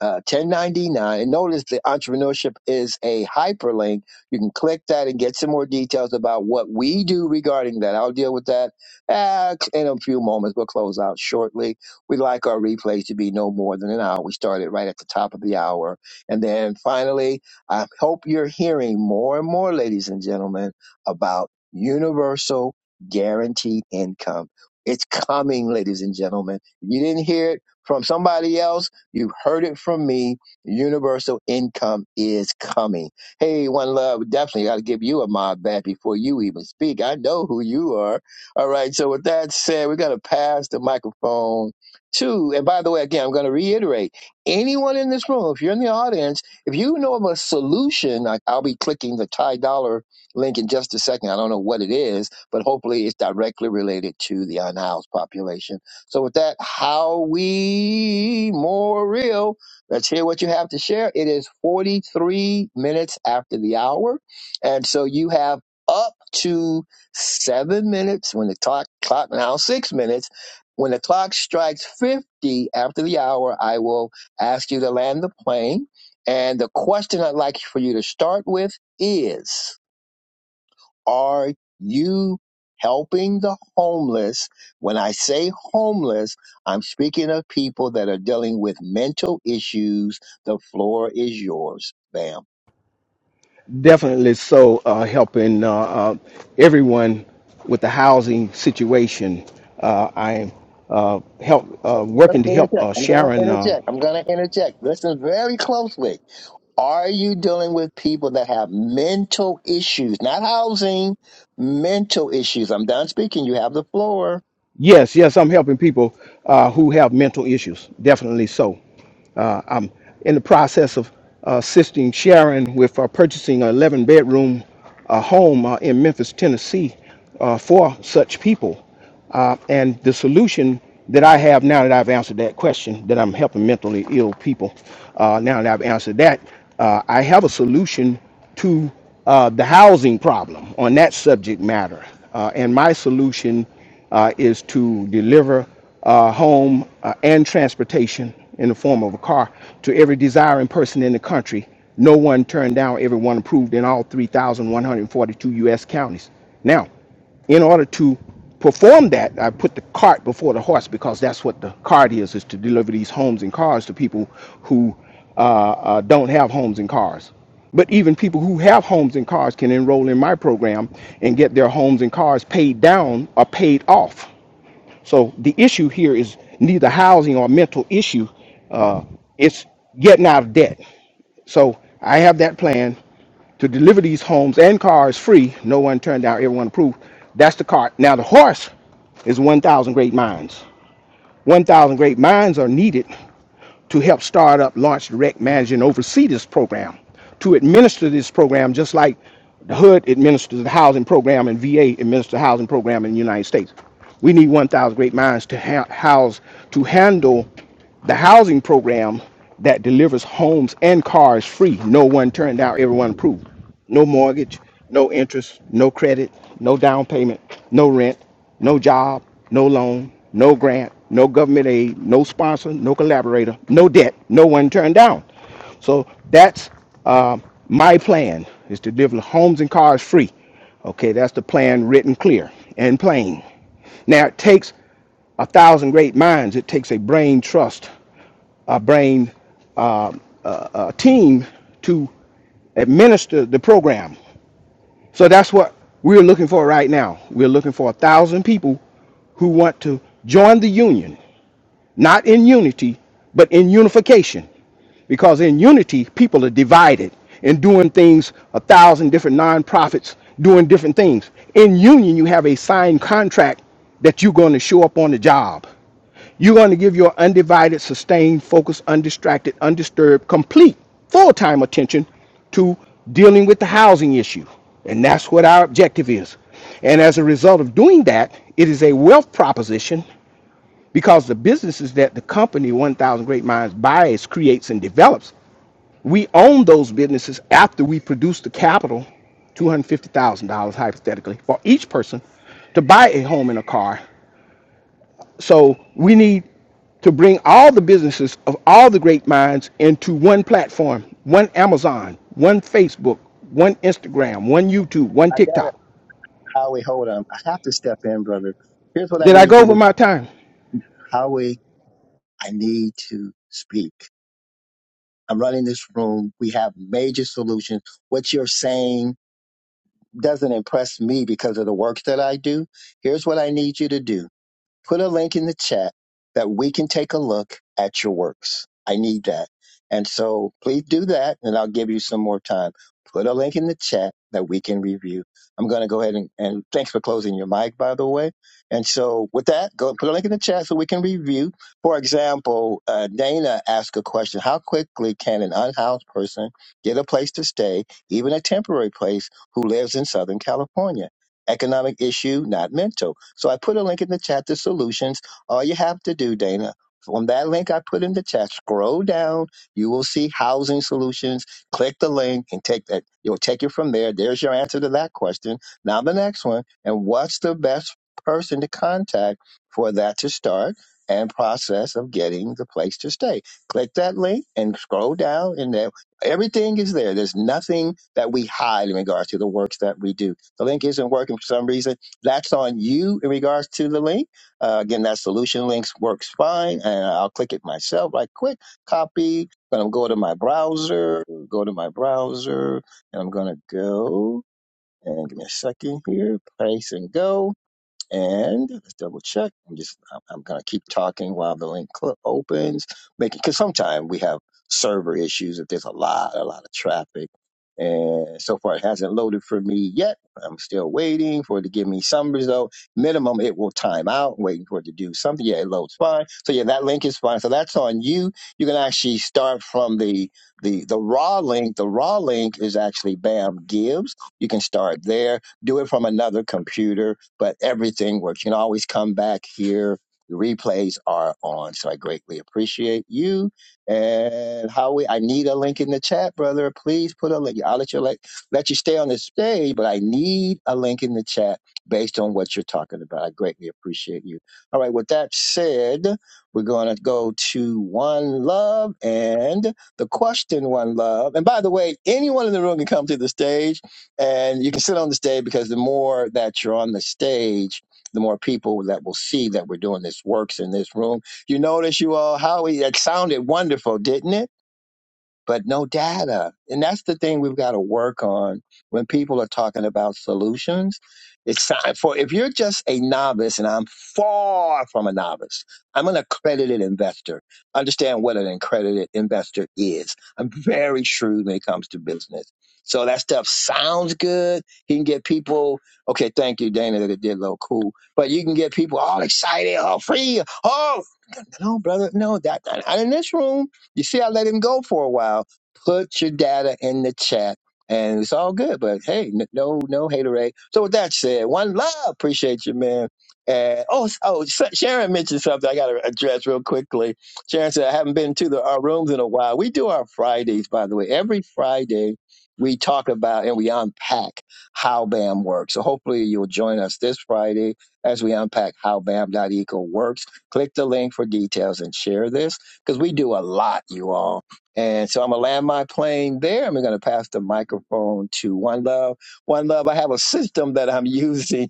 S1: uh, 1099. Notice the entrepreneurship is a hyperlink. You can click that and get some more details about what we do regarding that. I'll deal with that uh, in a few moments. We'll close out shortly. We like our replays to be no more than an hour. We started right at the top of the hour. And then finally, I hope you're hearing more and more, ladies and gentlemen, about universal guaranteed income. It's coming, ladies and gentlemen. If you didn't hear it from somebody else, You've heard it from me. Universal income is coming. Hey, one love, definitely got to give you a mob back before you even speak. I know who you are. All right. So with that said, we're going to pass the microphone to, and by the way, again, I'm going to reiterate anyone in this room, if you're in the audience, if you know of a solution, I, I'll be clicking the Ty Dollar link in just a second. I don't know what it is, but hopefully it's directly related to the unhoused population so with that, how we more real. Let's hear what you have to share. It is 43 minutes after the hour. And so you have up to seven minutes when the clock, clock now six minutes. When the clock strikes 50 after the hour, I will ask you to land the plane. And the question I'd like for you to start with is are you helping the homeless? When I say homeless, I'm speaking of people that are dealing with mental issues. The floor is yours, ma'am.
S6: definitely so uh, helping uh, uh, everyone with the housing situation. Uh, I'm uh, help uh,
S1: I'm gonna
S6: working to help
S1: interject.
S6: uh,
S1: I'm gonna
S6: Sharon. Uh,
S1: interject. I'm gonna interject. Listen very closely. Are you dealing with people that have mental issues, not housing, mental issues? I'm done speaking. You have the floor.
S6: Yes, yes, I'm helping people uh, who have mental issues. Definitely so. Uh, I'm in the process of uh, assisting Sharon with uh, purchasing an 11 bedroom uh, home uh, in Memphis, Tennessee uh, for such people. Uh, and the solution that I have now that I've answered that question, that I'm helping mentally ill people, uh, now that I've answered that, uh, I have a solution to uh, the housing problem on that subject matter. Uh, and my solution uh, is to deliver uh, home uh, and transportation in the form of a car to every desiring person in the country. No one turned down, everyone approved in all 3,142 U.S. counties. Now, in order to perform that, I put the cart before the horse because that's what the cart is, is to deliver these homes and cars to people who uh, uh, don't have homes and cars. But even people who have homes and cars can enroll in my program and get their homes and cars paid down or paid off. So the issue here is neither housing or mental issue. Uh, it's getting out of debt. So I have that plan to deliver these homes and cars free. No one turned down, everyone approved. That's the cart. Now the horse is 1,000 great minds. 1,000 great minds are needed to help start up, launch, direct, manage, and oversee this program, to administer this program just like the HUD administers the housing program and VA administers the housing program in the United States. We need 1,000 great minds to ha- house, to handle the housing program that delivers homes and cars free. No one turned out, everyone approved. No mortgage, no interest, no credit, no down payment, no rent. No job, no loan, no grant, no government aid, no sponsor, no collaborator, no debt, no one turned down. So that's uh, my plan is to deliver homes and cars free. Okay, that's the plan written clear and plain. Now it takes a thousand great minds. It takes a brain trust, a brain uh, team to administer the program. So that's what we're looking for right now. We're looking for a thousand people who want to join the union not in unity, but in unification. Because in unity, people are divided and doing things, a thousand different nonprofits doing different things. In union, you have a signed contract that you're going to show up on the job. You're going to give your undivided, sustained, focused, undistracted, undisturbed, complete, full time attention to dealing with the housing issue. And that's what our objective is. And as a result of doing that, it is a wealth proposition because the businesses that the company 1000 great minds buys creates and develops we own those businesses after we produce the capital $250000 hypothetically for each person to buy a home and a car so we need to bring all the businesses of all the great minds into one platform one amazon one facebook one instagram one youtube one
S1: I got it.
S6: tiktok
S1: Howie, hold on. I have to step in, brother. Here's what I
S6: did i
S1: need
S6: go
S1: you
S6: over
S1: to,
S6: my time
S1: Howie. I need to speak. I'm running this room. We have major solutions. What you're saying doesn't impress me because of the work that I do. Here's what I need you to do put a link in the chat that we can take a look at your works. I need that. And so please do that, and I'll give you some more time. Put a link in the chat that we can review. I'm going to go ahead and, and thanks for closing your mic, by the way. And so with that, go put a link in the chat so we can review. For example, uh, Dana asked a question How quickly can an unhoused person get a place to stay, even a temporary place, who lives in Southern California? Economic issue, not mental. So I put a link in the chat to solutions. All you have to do, Dana, from that link I put in the chat, scroll down. You will see housing solutions. Click the link and take that. You'll take it from there. There's your answer to that question. Now the next one. And what's the best person to contact for that to start? And process of getting the place to stay. Click that link and scroll down, and there, everything is there. There's nothing that we hide in regards to the works that we do the link isn't working for some reason, that's on you in regards to the link. Uh, again, that solution links works fine, and I'll click it myself right quick. Copy. Then I'm going to go to my browser. Go to my browser, and I'm going to go and give me a second here. Place and go. And let's double check. I'm just I'm, I'm gonna keep talking while the link cl- opens, making because sometimes we have server issues if there's a lot a lot of traffic. And so far, it hasn't loaded for me yet. I'm still waiting for it to give me some result. Minimum, it will time out. Waiting for it to do something. Yeah, it loads fine. So yeah, that link is fine. So that's on you. You can actually start from the the the raw link. The raw link is actually Bam gives. You can start there. Do it from another computer but everything works. You can always come back here. The replays are on, so I greatly appreciate you. And Howie, I need a link in the chat, brother. Please put a link. I'll let you let let you stay on the stage, but I need a link in the chat based on what you're talking about. I greatly appreciate you. All right. With that said, we're gonna go to One Love and the question One Love. And by the way, anyone in the room can come to the stage and you can sit on the stage because the more that you're on the stage, the more people that will see that we're doing this works in this room. You notice you all, Howie, that sounded wonderful, didn't it? but no data. And that's the thing we've got to work on when people are talking about solutions. It's time for, if you're just a novice, and I'm far from a novice, I'm an accredited investor. Understand what an accredited investor is. I'm very shrewd when it comes to business. So that stuff sounds good. You can get people, okay, thank you, Dana, that it did look cool. But you can get people all excited, oh, free, oh, no, brother, no, that not in this room. You see, I let him go for a while. Put your data in the chat, and it's all good. But hey, n- no, no haterade. So with that said, one love. Appreciate you, man. And oh, s- oh, Sa- Sharon mentioned something I got to address real quickly. Sharon said I haven't been to the, our rooms in a while. We do our Fridays, by the way. Every Friday, we talk about and we unpack how BAM works. So hopefully you'll join us this Friday as we unpack how BAM.eco works Click the link for details and share this because we do a lot, you all. And so I'm gonna land my plane there, and we're gonna pass the microphone to One Love. One Love, I have a system that I'm using,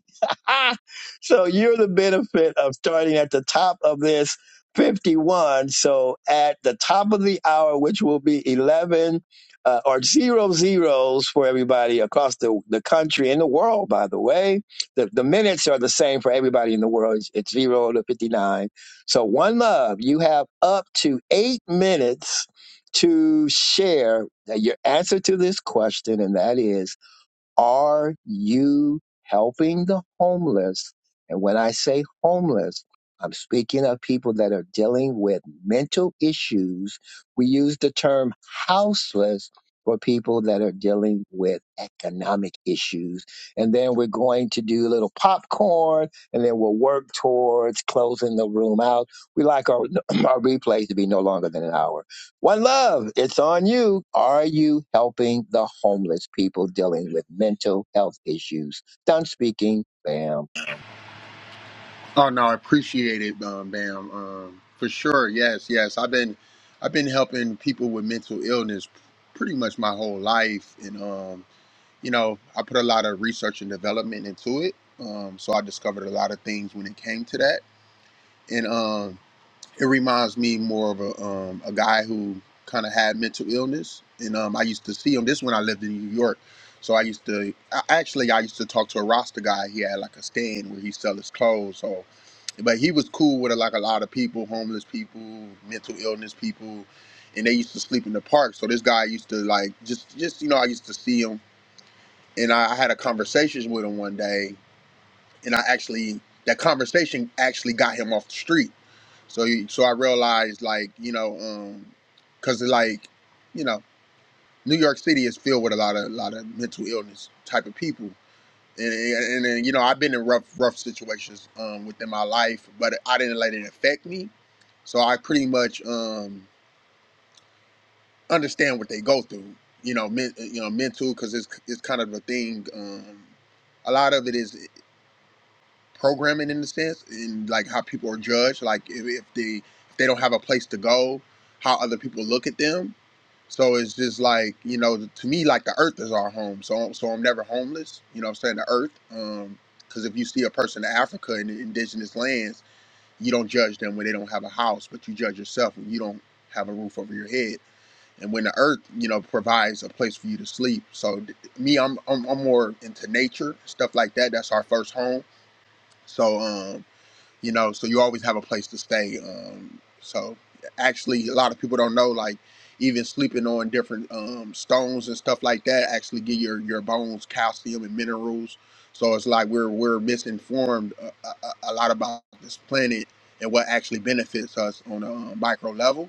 S1: so you're the benefit of starting at the top of this 51. So at the top of the hour, which will be 11 uh, or zero zeros for everybody across the, the country and the world, by the way. The, the minutes are the same for everybody in the world. It's, it's zero to 59 so, one love, you have up to eight minutes to share uh, your answer to this question, and that is are you helping the homeless? And when I say homeless, I'm speaking of people that are dealing with mental issues. We use the term houseless for people that are dealing with economic issues. And then we're going to do a little popcorn and then we'll work towards closing the room out. We like our, our replays to be no longer than an hour. One love, it's on you. Are you helping the homeless people dealing with mental health issues? Done speaking. Bam.
S7: Oh no, I appreciate it, um, Bam. Um, for sure, yes, yes. I've been, I've been helping people with mental illness pretty much my whole life, and um, you know, I put a lot of research and development into it. Um, so I discovered a lot of things when it came to that, and um, it reminds me more of a um, a guy who kind of had mental illness, and um, I used to see him. This when I lived in New York, so I used to I, actually I used to talk to a Rasta guy. He had like a stand where he sell his clothes. So, but he was cool with like a lot of people, homeless people, mental illness people, and they used to sleep in the park. So this guy used to like just just you know I used to see him, and I, I had a conversation with him one day, and I actually that conversation actually got him off the street. So he, so I realized like you know um, cause like you know New York City is filled with a lot of a lot of mental illness type of people. And, and, and you know I've been in rough rough situations um, within my life, but I didn't let it affect me. So I pretty much um, understand what they go through. You know, men, you know, mental because it's it's kind of a thing. Um, a lot of it is. programming in a sense, and like how people are judged, like if, if they if they don't have a place to go, how other people look at them. So it's just like you know, to me, like the earth is our home. So so I'm never homeless. You know, what I'm saying the earth, Um, because if you see a person in Africa in the indigenous lands, you don't judge them when they don't have a house, but you judge yourself when you don't have a roof over your head. And when the earth, you know, provides a place for you to sleep. So th- me, I'm, I'm I'm more into nature stuff like that. That's our first home. So um, you know so you always have a place to stay um so actually a lot of people don't know like even sleeping on different um stones and stuff like that actually give your your bones calcium and minerals so it's like we're we're misinformed a, a, a lot about this planet and what actually benefits us on a um, micro level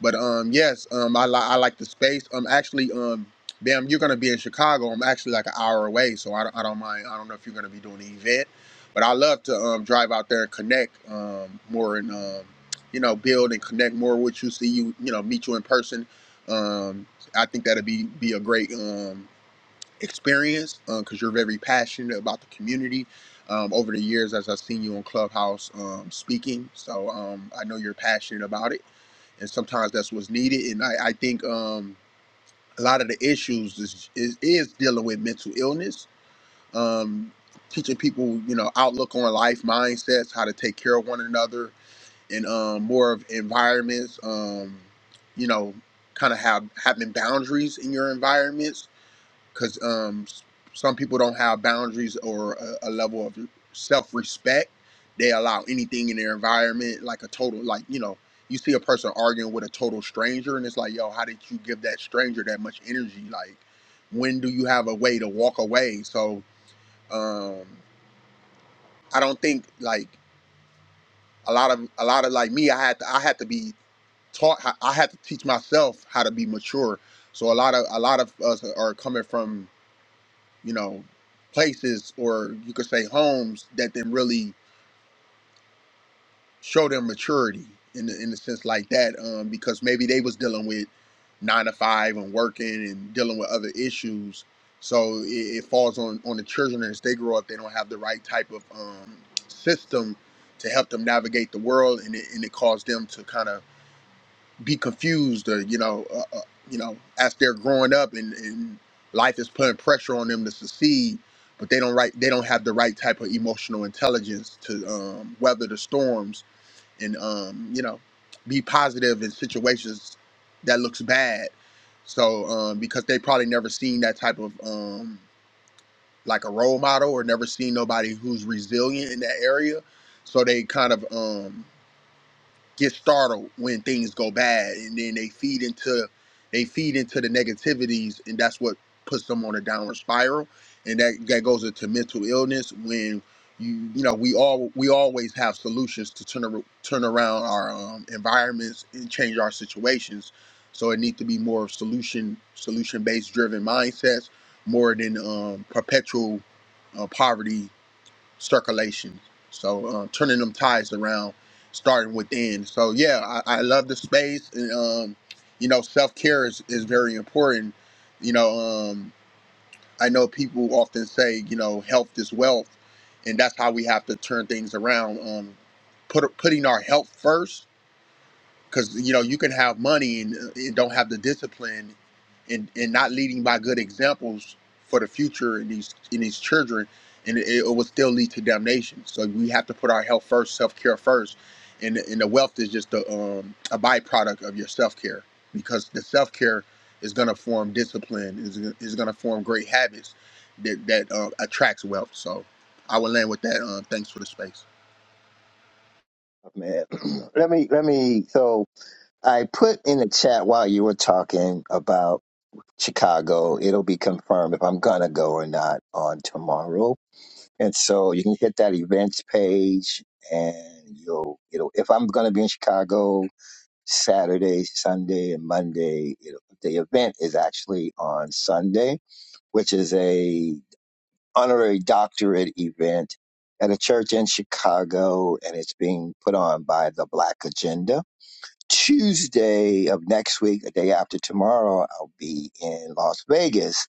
S7: but um, yes, um, I li- I like the space. Um, actually, um, Bam, you're gonna be in Chicago. I'm actually like an hour away, so I don't, I don't mind. I don't know if you're gonna be doing the event, but I love to um drive out there and connect um more and um you know build and connect more with you. See you, you know, meet you in person. Um, I think that'd be be a great um experience because you're very passionate about the community. Um, over the years, as I've seen you on Clubhouse um, speaking, so um, I know you're passionate about it and sometimes that's what's needed. And I, I think um, a lot of the issues is, is, is dealing with mental illness, um, teaching people, you know, outlook on life, mindsets, how to take care of one another, and um, more of environments, um, you know, kind of have having boundaries in your environments because um, some people don't have boundaries or a, a level of self-respect. They allow anything in their environment, like a total, like you know, you see a person arguing with a total stranger, and it's like, yo, how did you give that stranger that much energy? Like, when do you have a way to walk away? So, um, I don't think like a lot of a lot of like me, I had to I had to be taught, how- I had to teach myself how to be mature. So a lot of a lot of us are coming from you know, places or you could say homes that then really show them maturity in the, in a sense like that. Um, because maybe they was dealing with nine to five and working and dealing with other issues. So it, it falls on, on the children as they grow up. They don't have the right type of um, system to help them navigate the world, and it, and it caused them to kind of be confused or you know uh, uh, you know as they're growing up and, and life is putting pressure on them to succeed but they don't right they don't have the right type of emotional intelligence to um, weather the storms and um, you know be positive in situations that looks bad so um, because they probably never seen that type of um, like a role model or never seen nobody who's resilient in that area so they kind of um, get startled when things go bad and then they feed into they feed into the negativities and that's what puts them on a downward spiral and that that goes into mental illness when you you know we all we always have solutions to turn ar- turn around our um, environments and change our situations so it needs to be more solution solution based driven mindsets more than um, perpetual uh, poverty circulation. So uh, turning them ties around, starting within. So yeah, I, I love the space, and um, you know, self care is, is very important. You know, um, I know people often say, you know, health is wealth, and that's how we have to turn things around. Um, put putting our health first because you know you can have money and, uh, and don't have the discipline and and not leading by good examples for the future in these in these children and it, it will still lead to damnation so we have to put our health first self-care first and and the wealth is just a, um, a byproduct of your self-care because the self-care is going to form discipline is, is going to form great habits that that uh, attracts wealth so i will land with that um, thanks for the space
S1: Man, let me, let me. So I put in the chat while you were talking about Chicago. It'll be confirmed if I'm going to go or not on tomorrow. And so you can hit that events page and you'll, it'll, if I'm going to be in Chicago Saturday, Sunday, and Monday, it'll, the event is actually on Sunday which is a honorary doctorate event at a church in Chicago, and it's being put on by the Black Agenda. Tuesday of next week, a day after tomorrow, I'll be in Las Vegas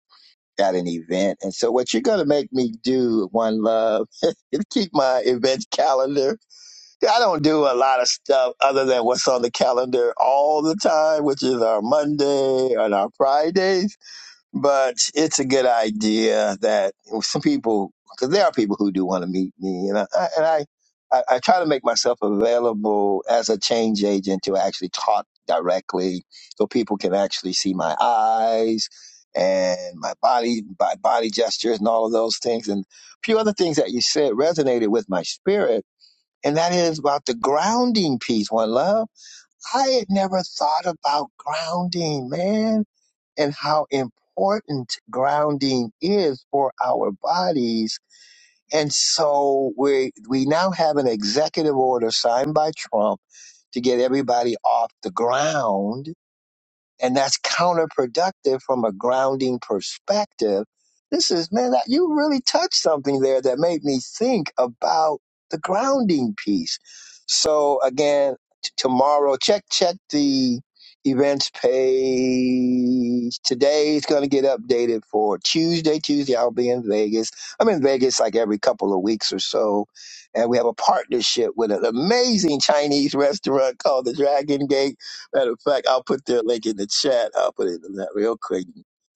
S1: at an event. And so what you're going to make me do, One Love, is keep my event calendar. I don't do a lot of stuff other than what's on the calendar all the time, which is our Monday and our Fridays but it's a good idea that some people, because there are people who do want to meet me, and I and I, I, I try to make myself available as a change agent to actually talk directly, so people can actually see my eyes and my body, my body gestures, and all of those things, and a few other things that you said resonated with my spirit. And that is about the grounding piece, one love. I had never thought about grounding, man and how important grounding is for our bodies. And so we we now have an executive order signed by Trump to get everybody off the ground and that's counterproductive from a grounding perspective. This is, man, that, you really touched something there that made me think about the grounding piece. So again, t- tomorrow, check check the events page. Today is going to get updated for Tuesday. Tuesday, I'll be in Vegas. I'm in Vegas like every couple of weeks or so, and we have a partnership with an amazing Chinese restaurant called the Dragon Gate Matter of fact, I'll put their link in the chat. I'll put it in that real quick.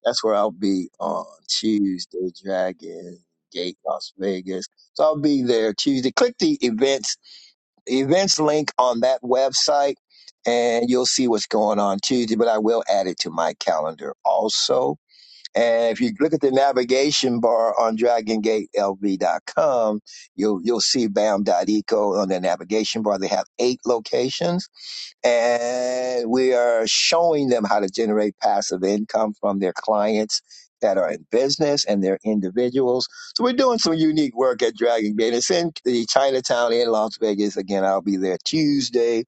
S1: That's where I'll be on Tuesday, Dragon Gate, Las Vegas. So I'll be there Tuesday. Click the events events link on that website, and you'll see what's going on Tuesday. But I will add it to my calendar also. And if you look at the navigation bar on DragonGateLV.com, you'll you'll see BAM dot Eco on the navigation bar. They have eight locations and we are showing them how to generate passive income from their clients that are in business and their individuals. So we're doing some unique work at Dragon Gate. It's in the Chinatown in Las Vegas. Again, I'll be there Tuesday.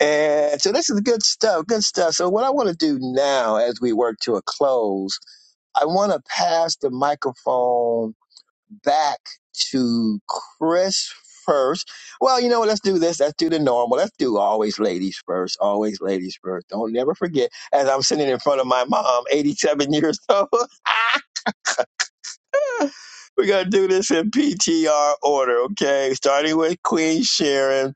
S1: And so this is good stuff, good stuff. So what I want to do now as we work to a close, I want to pass the microphone back to Chris first. Well, you know what? Let's do this. Let's do the normal. Let's do always ladies first. Always ladies first. Don't never forget. As I'm sitting in front of my mom, 87 years old, We're gonna do this in PTR order, okay? Starting with Queen Sharon,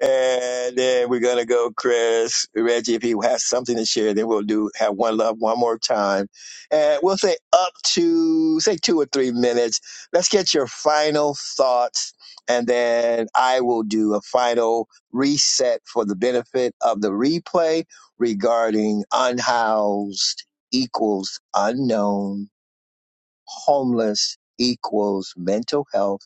S1: and then we're gonna go Chris, Reggie, if he has something to share, then we'll do have one love one more time, and we'll say up to say two or three minutes. Let's get your final thoughts, and then I will do a final reset for the benefit of the replay regarding unhoused equals unknown homeless equals mental health,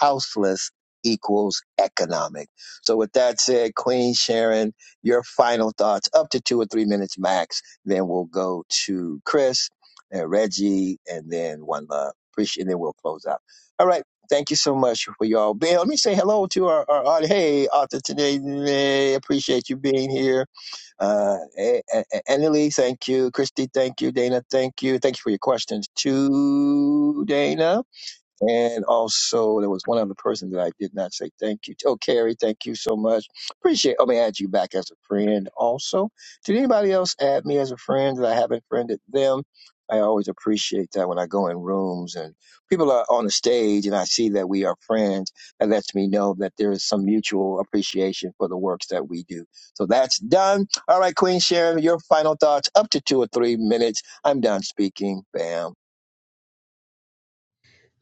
S1: houseless equals economic. So, with that said, Queen Sharon, your final thoughts, up to two or three minutes max. Then we'll go to Chris and Reggie, and then one love. Appreciate, and then we'll close out. All right. Thank you so much for y'all being. Let me say hello to our, our, our hey, Arthur today. Appreciate you being here uh, A- A- A- Annalie, thank you. Christy, thank you. Dana, thank you. Thank you for your questions too, Dana. And also, there was one other person that I did not say thank you. to. Oh, Carrie, thank you so much. Appreciate. Let me add you back as a friend. Also, did anybody else add me as a friend that I haven't friended them? I always appreciate that when I go in rooms and people are on the stage and I see that we are friends. That lets me know that there is some mutual appreciation for the works that we do. So that's done. All right, Queen Sharon, your final thoughts up to two or three minutes. I'm done speaking. Bam.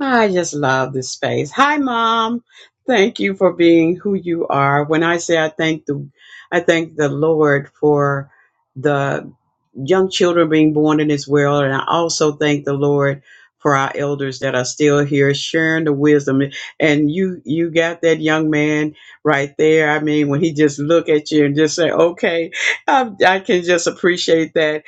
S5: I just love this space. Hi, mom. Thank you for being who you are. When I say I thank the, I thank the Lord for the young children being born in this world, and I also thank the Lord for our elders that are still here sharing the wisdom. And you, you got that young man right there. I mean, when he just look at you and just say, "Okay," I, I can just appreciate that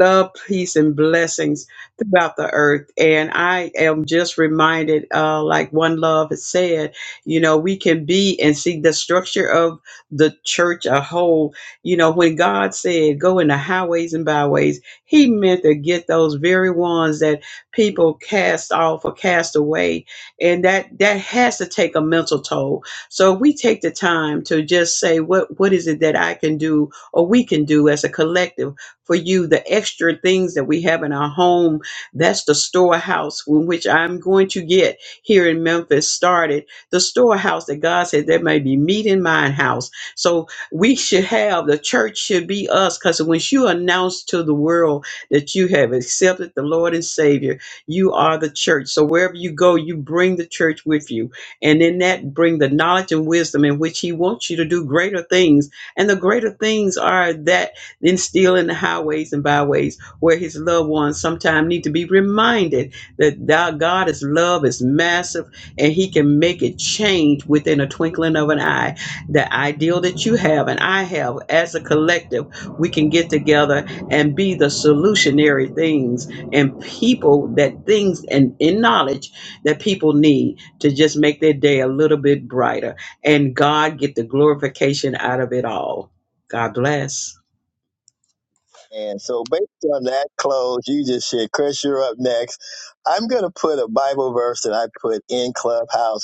S5: love, peace, and blessings throughout the earth. And I am just reminded, uh, like One Love has said, you know, we can be and see the structure of the church a whole. You know, when God said, go in the highways and byways, he meant to get those very ones that people cast off or cast away. And that, that has to take a mental toll. So we take the time to just say, what, what is it that I can do or we can do as a collective for you, the extra things that we have in our home that's the storehouse in which I'm going to get here in Memphis started. The storehouse that God said there may be meat in mine house. So we should have the church should be us because when you announce to the world that you have accepted the Lord and Savior, you are the church. So wherever you go, you bring the church with you. And in that bring the knowledge and wisdom in which He wants you to do greater things. And the greater things are that then still in the highways and byways where his loved ones sometimes need to be reminded that thou God is love is massive and he can make it change within a twinkling of an eye. The ideal that you have and I have as a collective, we can get together and be the solutionary things and people that things and in knowledge that people need to just make their day a little bit brighter and God get the glorification out of it all. God bless.
S1: And so, based on that close, you just said, Chris, you're up next. I'm going to put a Bible verse that I put in Clubhouse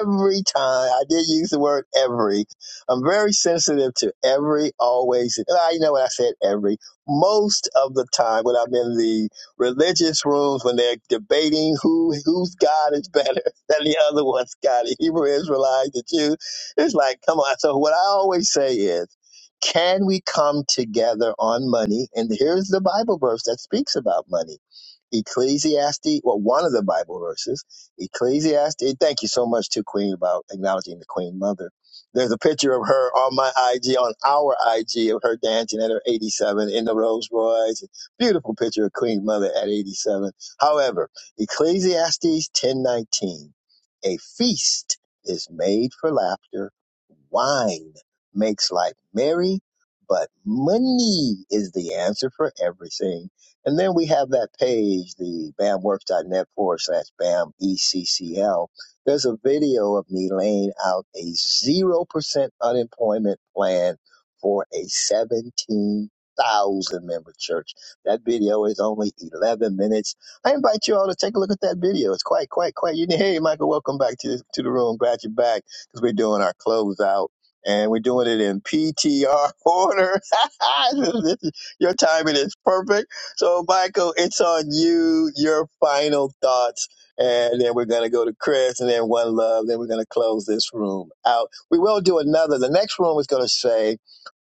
S1: every time. I did use the word every. I'm very sensitive to every, always. and I know when I said every. Most of the time when I'm in the religious rooms, when they're debating who whose God is better than the other one's God, the Hebrew Israelite, the Jew, it's like, come on. So what I always say is, can we come together on money? And here's the Bible verse that speaks about money. Ecclesiastes, well, one of the Bible verses, Ecclesiastes. Thank you so much to Queen about acknowledging the Queen Mother. There's a picture of her on my IG, on our IG, of her dancing at her 87 in the Rolls Royce. Beautiful picture of Queen Mother at 87. However, Ecclesiastes 10:19, a feast is made for laughter, wine makes life merry, but money is the answer for everything. And then we have that page, the bamworks.net forward slash bam ECCL. There's a video of me laying out a 0% unemployment plan for a 17,000 member church. That video is only 11 minutes. I invite you all to take a look at that video. It's quite, quite, quite. You hey, Michael, welcome back to, to the room. Glad you're back because we're doing our closeout and we're doing it in PTR order. Your timing is perfect. So, Michael, it's on you. Your final thoughts, and then we're gonna go to Chris, and then one love. Then we're gonna close this room out. We will do another. The next room is gonna say.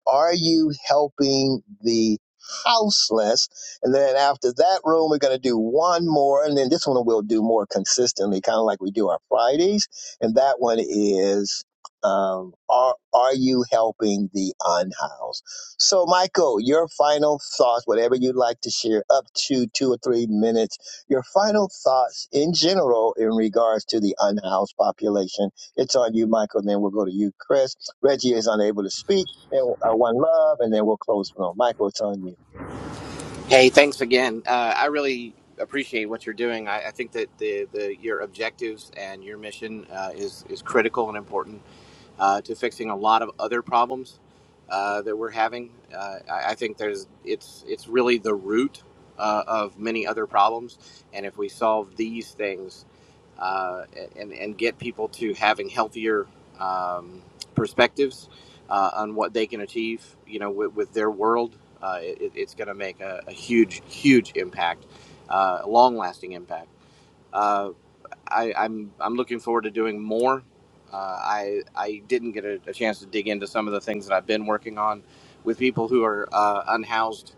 S1: Are you helping the houseless? And then after that room, we're going to do one more. And then this one we'll do more consistently, kind of like we do our Fridays. And that one is, um, are, are you helping the unhoused? So, Michael, your final thoughts, whatever you'd like to share, up to two or three minutes, your final thoughts in general in regards to the unhoused population. It's on you, Michael. And then we'll go to you, Chris. Reggie is unable to speak and uh, one love, and then we'll close with Michael Tony.
S2: Hey, thanks again. Uh, I really appreciate what you're doing. I, I think that the, the your objectives and your mission uh, is is critical and important uh, to fixing a lot of other problems uh, that we're having. Uh, I, I think there's it's it's really the root uh, of many other problems, and if we solve these things uh, and and get people to having healthier um, perspectives, uh, on what they can achieve, you know, with, with their world, uh, it, it's going to make a, a huge, huge impact, uh, long lasting impact. Uh, I, I'm, I'm looking forward to doing more. Uh, I, I didn't get a, a chance to dig into some of the things that I've been working on with people who are uh, unhoused.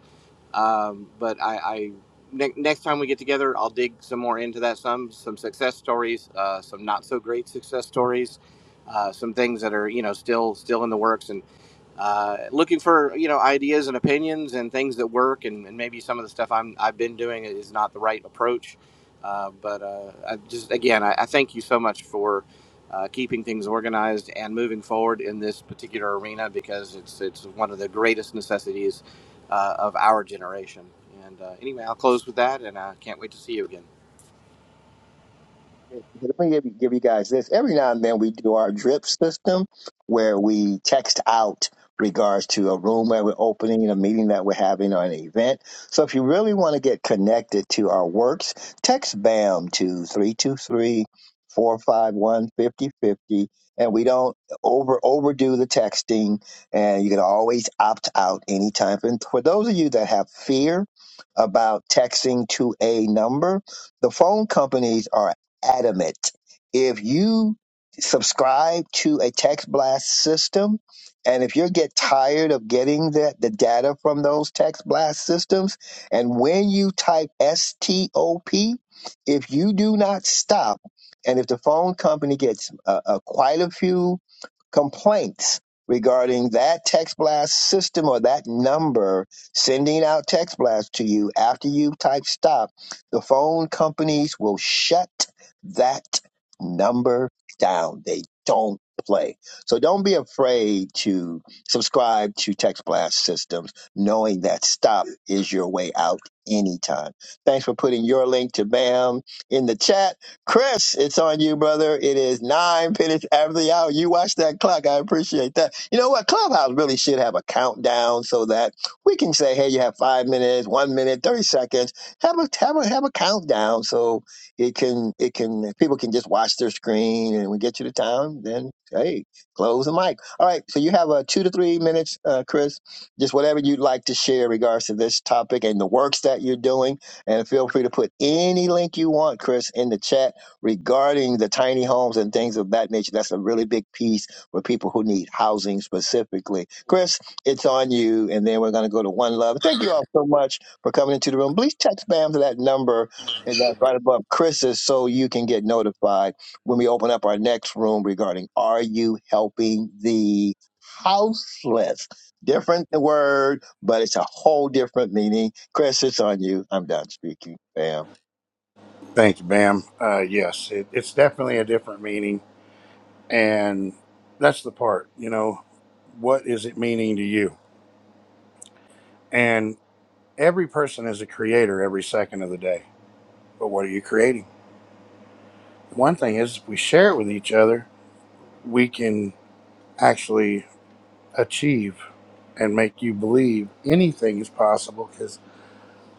S2: Um, but I, I ne- next time we get together, I'll dig some more into that. Some, some success stories, uh, some not so great success stories, uh, some things that are, you know, still, still in the works. And uh, looking for you know ideas and opinions and things that work and, and maybe some of the stuff I'm, i've been doing is not the right approach uh, but uh, I just again I, I thank you so much for uh, keeping things organized and moving forward in this particular arena because it's it's one of the greatest necessities uh, of our generation and uh, anyway i'll close with that and i can't wait to see you again
S1: Let me give, you, give you guys this. Every now and then we do our drip system where we text out regards to a room that we're opening, a meeting that we're having, or an event. So if you really want to get connected to our works, text BAM to three two three four five one fifty fifty. And we don't over overdo the texting, and you can always opt out anytime. And for those of you that have fear about texting to a number, the phone companies are adamant. If you subscribe to a text blast system, and if you get tired of getting the, the data from those text blast systems, and when you type STOP, if you do not stop, and if the phone company gets uh, uh, quite a few complaints regarding that text blast system or that number sending out text blasts to you after you type stop, the phone companies will shut that number down. They don't play. So don't be afraid to subscribe to text blast systems, knowing that stop is your way out anytime. Thanks for putting your link to BAM in the chat. Chris, it's on you, brother. It is nine minutes after the hour. You watch that clock. I appreciate that. You know what? Clubhouse really should have a countdown so that we can say, hey, you have five minutes, one minute, thirty seconds. Have a have a have a countdown so it can it can people can just watch their screen and we get you the time, then hey, close the mic. All right. So you have a two to three minutes, uh, Chris. Just whatever you'd like to share in regards to this topic and the works that you're doing. And feel free to put any link you want, Chris, in the chat regarding the tiny homes and things of that nature. That's a really big piece for people who need housing specifically. Chris, it's on you. And then we're going to go to One Love. Thank you all so much for coming into the room. Please text BAM to that number and that's right above Chris's so you can get notified when we open up our next room regarding Are You Helping the Houseless? Different word, but it's a whole different meaning. Chris, it's on you. I'm done speaking. BAM.
S3: Thank you, ma'am. Uh, yes, it, it's definitely a different meaning. And that's the part, you know, what is it meaning to you? And every person is a creator every second of the day. But what are you creating? One thing is, if we share it with each other, we can actually achieve and make you believe anything is possible because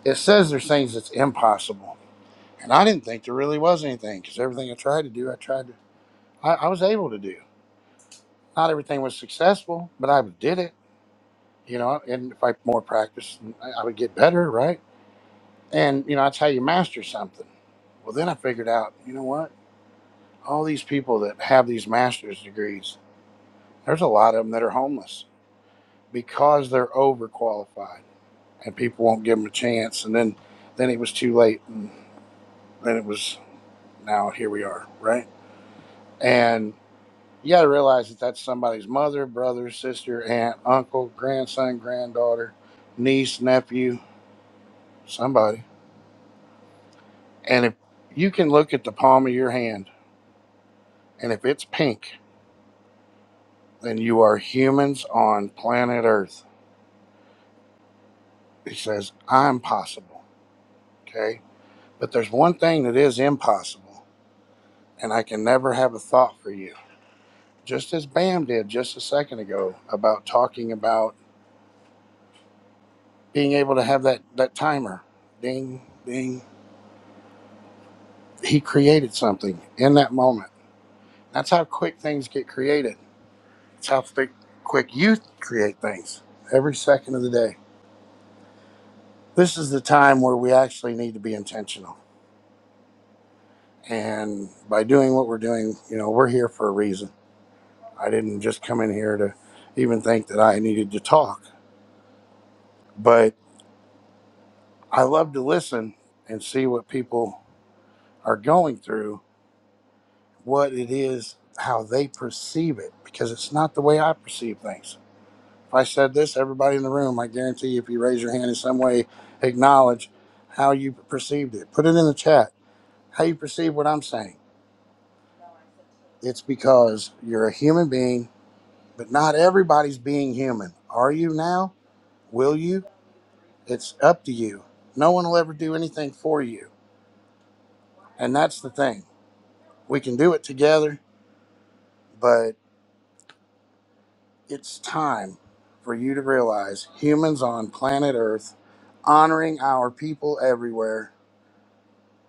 S3: it says there's things that's impossible. And I didn't think there really was anything because everything I tried to do, I tried to, I, I was able to do. Not everything was successful, but I did it, you know, and if I more practice, I I would get better, right? And, you know, that's how you master something. Well, then I figured out, you know what? All these people that have these master's degrees, there's a lot of them that are homeless because they're overqualified and people won't give them a chance. And then, then it was too late. And then it was now here we are, right? You got to realize that that's somebody's mother, brother, sister, aunt, uncle, grandson, granddaughter, niece, nephew, somebody. And if you can look at the palm of your hand, and if it's pink, then you are humans on planet Earth. It says, I'm possible. Okay. But there's one thing that is impossible, and I can never have a thought for you. Just as Bam did just a second ago about talking about being able to have that, that timer ding, ding, he created something in that moment. That's how quick things get created. It's how thick, quick you create things every second of the day. This is the time where we actually need to be intentional. And by doing what we're doing, you know, we're here for a reason. I didn't just come in here to even think that I needed to talk, but I love to listen and see what people are going through, what it is, how they perceive it, because it's not the way I perceive things If I said this, everybody in the room, I guarantee if you raise your hand in some way, acknowledge how you perceived it. Put it in the chat, how you perceive what I'm saying. It's because you're a human being, but not everybody's being human. Are you now? Will you? It's up to you. No one will ever do anything for you. And that's the thing. We can do it together, but it's time for you to realize humans on planet Earth honoring our people everywhere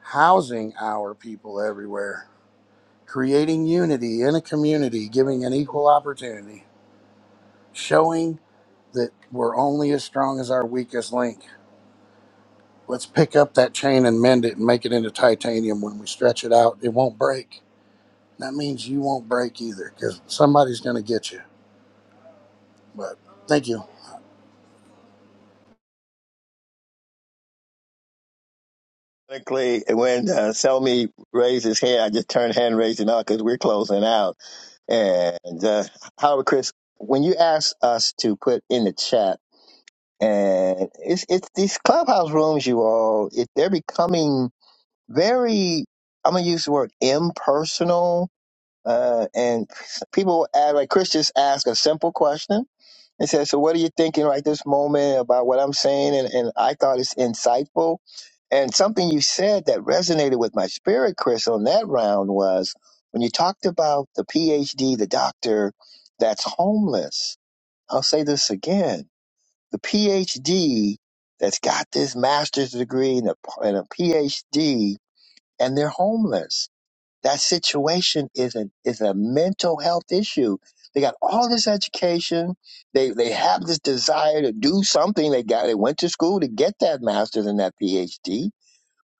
S3: housing our people everywhere, creating unity in a community, giving an equal opportunity, showing that we're only as strong as our weakest link. Let's pick up that chain and mend it and make it into titanium. When we stretch it out, it won't break. That means you won't break either because somebody's going to get you. But thank you.
S1: Quickly, when uh, Selmy raised his hand, I just turned hand raising on because we're closing out. And uh, Howard, Chris, when you asked us to put in the chat, and it's it's these clubhouse rooms, you all, it, they're becoming very. I'm gonna use the word impersonal. Uh, and people add, like Chris just asked a simple question they said, So, what are you thinking right this moment about what I'm saying? And, and I thought it's insightful. And something you said that resonated with my spirit, Chris, on that round was when you talked about the PhD, the doctor that's homeless. I'll say this again the PhD that's got this master's degree and a, and a PhD, and they're homeless that situation is a is a mental health issue. They got all this education. They they have this desire to do something. They got they went to school to get that master's and that PhD,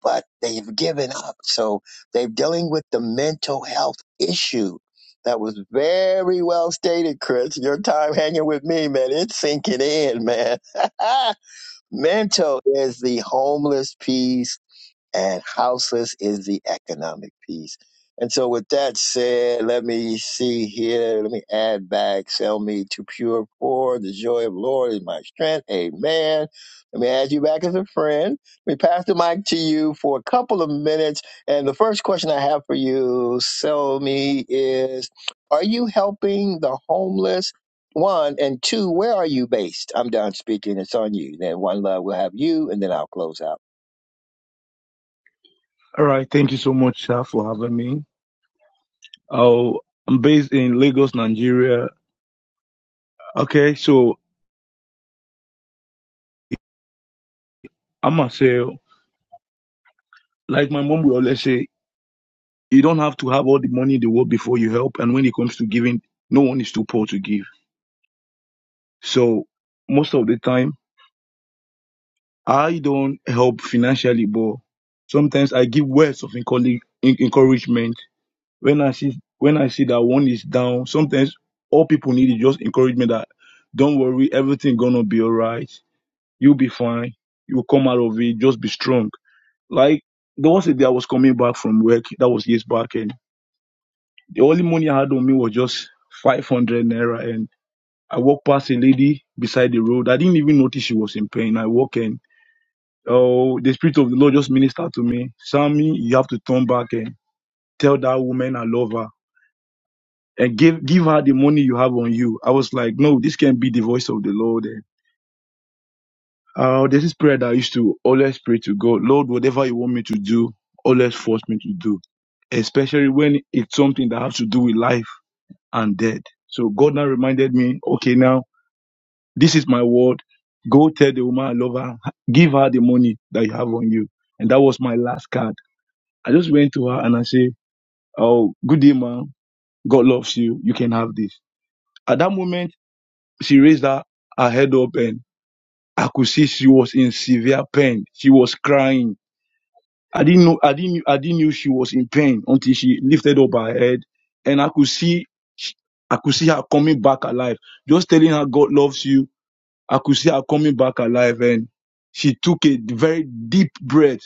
S1: but they've given up. So they're dealing with the mental health issue. That was very well stated, Chris. Your time hanging with me, man. It's sinking in, man. mental is the homeless piece and houseless is the economic piece. And so, with that said, let me see here. Let me add back. Sell me to pure poor. The joy of the Lord is my strength. Amen. Let me add you back as a friend. Let me pass the mic to you for a couple of minutes. And the first question I have for you, sell me, is Are you helping the homeless? One and two, where are you based? I'm done speaking. It's on you. Then one love we will have you, and then I'll close out.
S8: All right, thank you so much, sir, for having me. Oh, I'm based in Lagos, Nigeria. Okay, so I am say, like my mom will always say, you don't have to have all the money in the world before you help. And when it comes to giving, no one is too poor to give. So most of the time, I don't help financially, but sometimes I give words of encourage- en- encouragement. When I see when I see that one is down, sometimes all people need is just encouragement that don't worry, everything gonna be alright You'll be fine. You'll come out of it. Just be strong. Like there was a day I was coming back from work. That was years back, and the only money I had on me was just five hundred naira. And I walked past a lady beside the road. I didn't even notice she was in pain. I walked in. oh, the spirit of the Lord just ministered to me. Sammy, you have to turn back and tell that woman I love her. And give give her the money you have on you. I was like, no, this can't be the voice of the Lord. And Uh, there's this prayer that I used to always pray to God, Lord, whatever you want me to do, always force me to do, especially when it's something that has to do with life and death. So God now reminded me, okay, now this is my word. Go tell the woman I love her, give her the money that you have on you. And that was my last card. I just went to her and I said, Oh, good day, ma'am. God loves you. You can have this. At that moment, she raised her, her head up and I could see she was in severe pain. She was crying I didn't know I didn't I didn't knew she was in pain until she lifted up her head and I could see I could see her coming back alive. Just telling her God loves you. I could see her coming back alive and she took a very deep breath.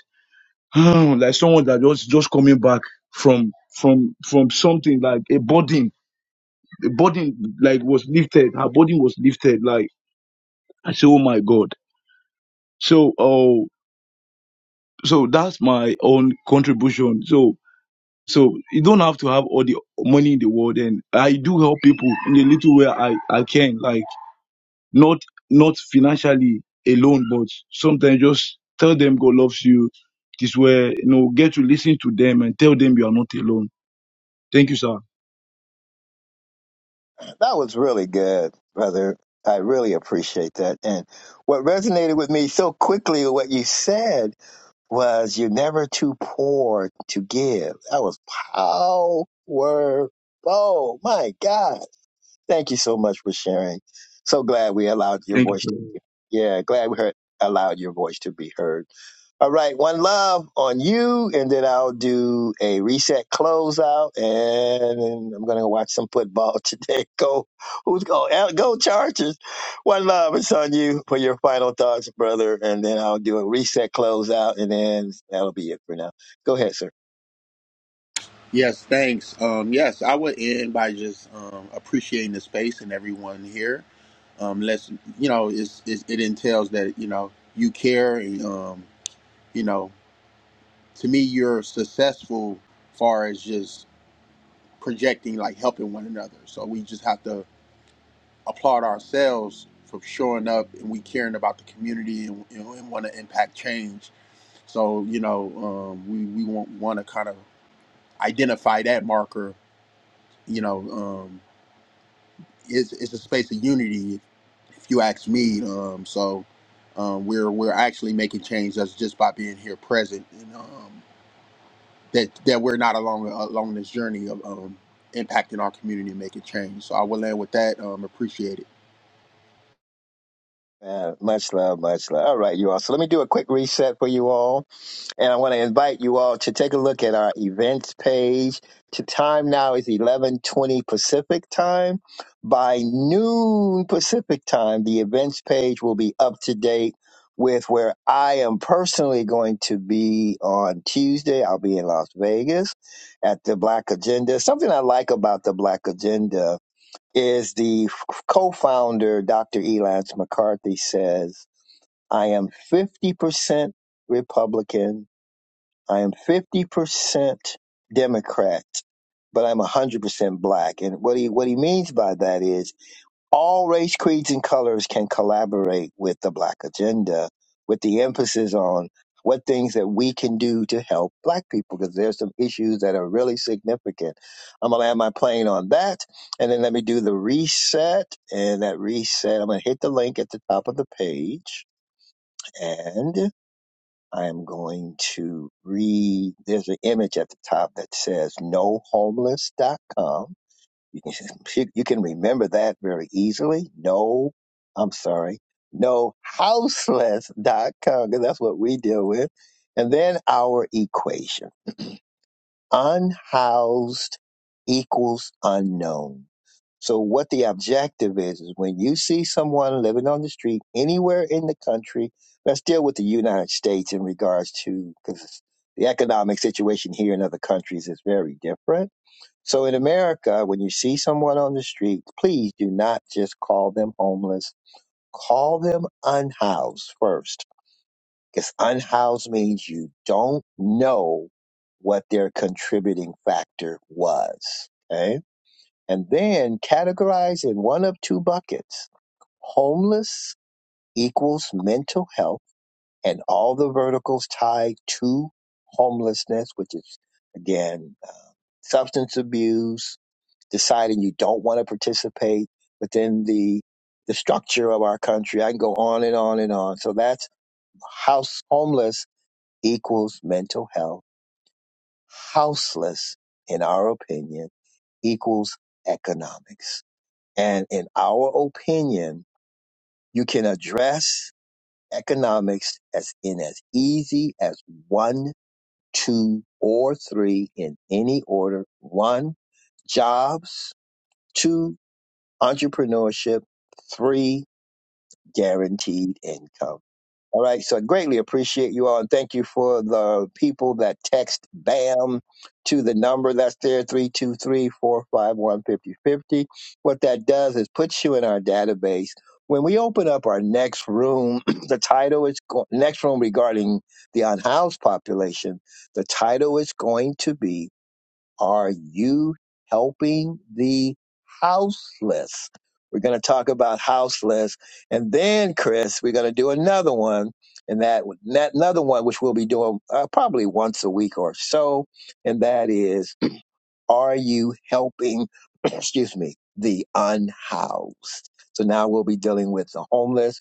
S8: like someone that was just coming back from from from something like a burden. The burden like was lifted. Her burden was lifted. Like I said, Oh my God. So oh so that's my own contribution. So So you don't have to have all the money in the world. And I do help people in a little way I, I can, like not not financially alone, but sometimes just tell them God loves you. This way, you know, get to listen to them and tell them you are not alone. Thank you, sir.
S1: That was really good, brother. I really appreciate that. And what resonated with me so quickly, what you said was, you're never too poor to give. That was powerful. My God. Thank you so much for sharing. So glad we allowed your
S8: Thank you.
S1: voice.
S8: Sir.
S1: Yeah, glad we heard allowed your voice to be heard. All right, one love on you, and then I'll do a reset closeout, and I'm gonna watch some football today. Go, who's go? Al- Go Chargers! One love, it's on you for your final thoughts, brother, and then I'll do a reset closeout, and then that'll be it for now. Go ahead, sir.
S7: Yes, thanks. Um, yes, I would end by just um, appreciating the space and everyone here. Um, let's, you know, it's, it's, it entails that you know you care, and um, you know, to me, you're successful far as just projecting, like helping one another. So we just have to applaud ourselves for showing up and we caring about the community and, and, and want to impact change. So you know, um, we we want want to kind of identify that marker you know, um, it's, it's a space of unity if you ask me um so um we're we're actually making change that's just by being here present and um that that we're not along along this journey of um impacting our community and making change so i will end with that um appreciate it
S1: Uh, much love, much love. All right, you all. So let me do a quick reset for you all. And I want to invite you all to take a look at our events page. The time now is 11:20 Pacific time. By noon Pacific time, the events page will be up to date with where I am personally going to be on Tuesday. I'll be in Las Vegas at the Black Agenda. Something I like about the Black Agenda is the f- co-founder Dr. Elance McCarthy says, "I am 50% Republican." I am 50% Democrat, but I'm 100% black. And what he, what he means by that is all race, creeds, and colors can collaborate with the black agenda with the emphasis on what things that we can do to help black people because there's some issues that are really significant. I'm going to land my plane on that. And then let me do the reset. And that reset, I'm going to hit the link at the top of the page. and. I am going to read. There's an image at the top that says nohomeless.com. You can, you can remember that very easily. No, I'm sorry, nohouseless.com, because that's what we deal with. And then our equation unhoused equals unknown. So what the objective is is when you see someone living on the street anywhere in the country, let's deal with the United States in regards to because the economic situation here in other countries is very different. So in America, when you see someone on the street, please do not just call them homeless. Call them unhoused first. Because unhoused means you don't know what their contributing factor was. Okay and then categorize in one of two buckets homeless equals mental health and all the verticals tied to homelessness which is again uh, substance abuse deciding you don't want to participate within the the structure of our country i can go on and on and on so that's house homeless equals mental health houseless in our opinion equals economics And in our opinion, you can address economics as in as easy as one, two, or three in any order. One, jobs. Two, entrepreneurship. Three, guaranteed income. All right. So I greatly appreciate you all. And thank you for the people that text BAM to the number that's there three two three four five one fifty fifty. What that does is puts you in our database. When we open up our next room, the title is go- next room regarding the unhoused population. The title is going to be are you helping the houseless? We're going to talk about houseless. And then, Chris, we're going to do another one. And that, that another one, which we'll be doing uh, probably once a week or so. And that is, are you helping, excuse me, the unhoused? So now we'll be dealing with the homeless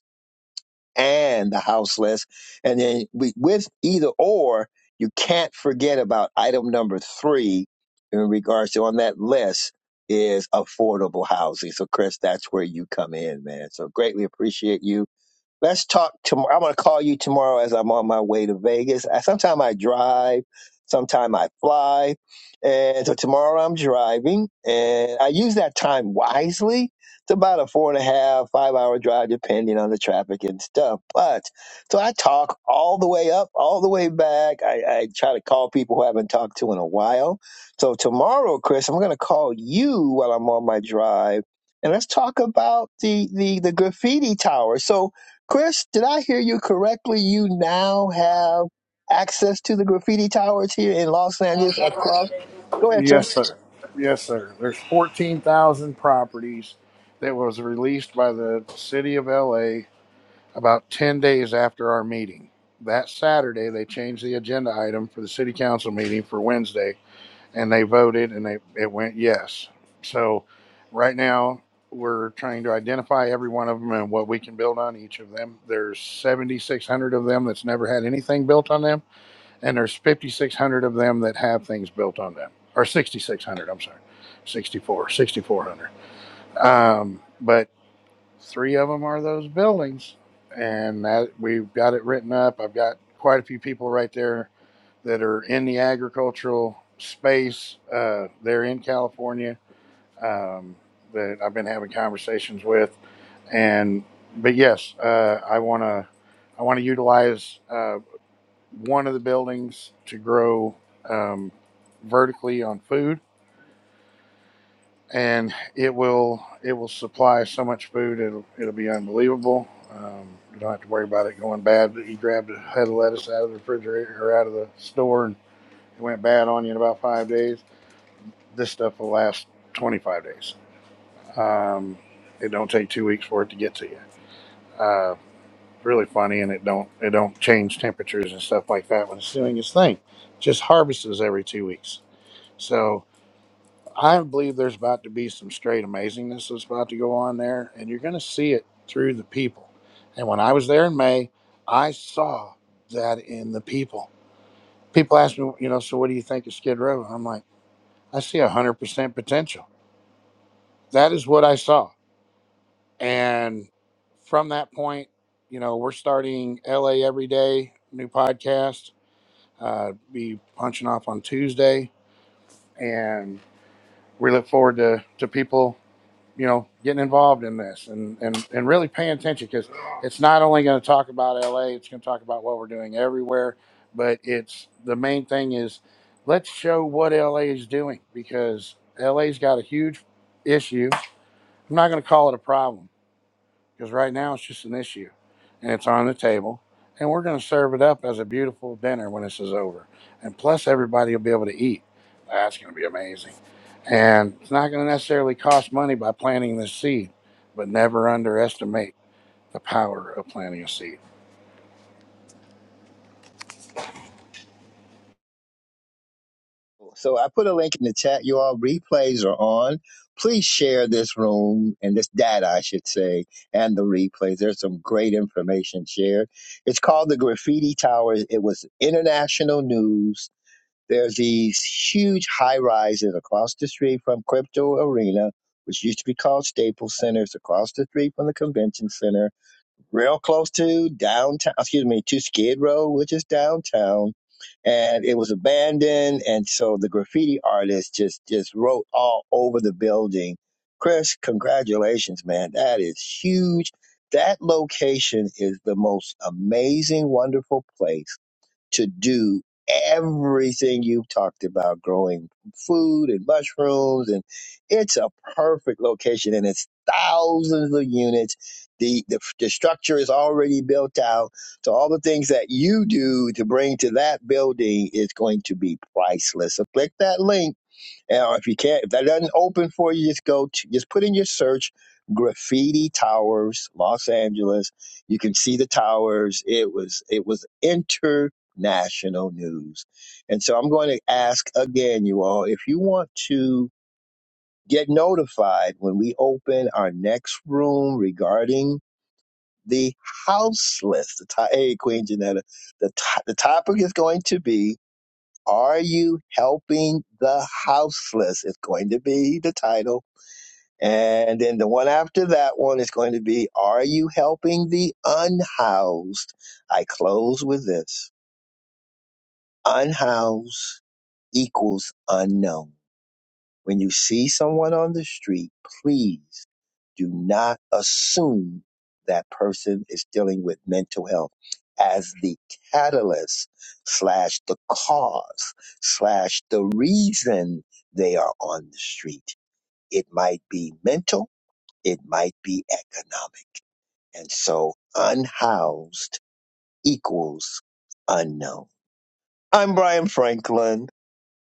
S1: and the houseless. And then we, with either or, you can't forget about item number three in regards to on that list is affordable housing. So, Chris, that's where you come in, man. So, greatly appreciate you. Let's talk tomorrow. I'm going to call you tomorrow as I'm on my way to Vegas. I, sometime I drive, sometime I fly. And so tomorrow I'm driving, and I use that time wisely. It's about a four and a half, five hour drive, depending on the traffic and stuff. But so I talk all the way up, all the way back. I, I try to call people who I haven't talked to in a while. So tomorrow, Chris, I'm going to call you while I'm on my drive, and let's talk about the the, the graffiti tower. So Chris, did I hear you correctly? You now have access to the graffiti towers here in Los Angeles across. Go ahead, sir.
S3: Yes, sir. Yes, sir. There's 14,000 properties that was released by the city of LA about 10 days after our meeting. That Saturday, they changed the agenda item for the city council meeting for Wednesday, and they voted and they, it went yes. So right now, we're trying to identify every one of them and what we can build on each of them. There's 7,600 of them that's never had anything built on them, and there's 5,600 of them that have things built on them, or 6,600, I'm sorry, sixty four, sixty four hundred. Um, but Three of them are those buildings, and that we've got it written up. I've got quite a few people right there that are in the agricultural space. Uh, they're in California um, that I've been having conversations with, and but yes, uh, I want to I want to utilize uh, one of the buildings to grow um, vertically on food and it will it will supply so much food it'll it'll be unbelievable. Um, you don't have to worry about it going bad. You grabbed a head of lettuce out of the refrigerator or out of the store and it went bad on you in about five days. This stuff will last 25 days. Um, it don't take two weeks for it to get to you. Uh, really funny, and it don't it don't change temperatures and stuff like that when it's doing its thing. Just harvests every two weeks. So I believe there's about to be some straight amazingness that's about to go on there, and you're going to see it through the people. And when I was there in May, I saw that in the people. People ask me, you know, so what do you think of Skid Row? And I'm like, I see 100% potential. That is what I saw. And from that point, you know, we're starting LA every day, new podcast, uh, be punching off on Tuesday. And we look forward to, to people you know, getting involved in this and, and, and really paying attention because it's not only going to talk about LA, it's going to talk about what we're doing everywhere. But it's the main thing is let's show what LA is doing because LA's got a huge issue. I'm not going to call it a problem because right now it's just an issue and it's on the table and we're going to serve it up as a beautiful dinner when this is over and plus everybody will be able to eat that's going to be amazing and it's not going to necessarily cost money by planting this seed but never underestimate the power of planting a seed
S1: So I put a link in the chat. You all replays are on. Please share this room and this data, I should say, and the replays. There's some great information shared. It's called the Graffiti Towers. It was international news There's these huge high rises across the street from Crypto Arena, which used to be called Staples Center. It's across the street from the convention center, real close to downtown, excuse me, to Skid Row, which is downtown. And it was abandoned. And so the graffiti artists just, just wrote all over the building. Chris, congratulations, man. That is huge. That location is the most amazing, wonderful place to do everything you've talked about growing food and mushrooms and it's a perfect location and it's thousands of units the, the the structure is already built out so all the things that you do to bring to that building is going to be priceless so click that link or if you can't, if that doesn't open for you, just go to, just put in your search graffiti towers, Los Angeles. You can see the towers. It was, it was international news. And so I'm going to ask again, you all, if you want to get notified when we open our next room regarding the house list, the, ti- hey, Queen Janetta, the, to- the topic is going to be are you helping the houseless? It's going to be the title. And then the one after that one is going to be Are you helping the unhoused? I close with this. Unhoused equals unknown. When you see someone on the street, please do not assume that person is dealing with mental health as the catalyst slash the cause slash the reason they are on the street. It might be mental, it might be economic. And so unhoused equals unknown. I'm Brian Franklin.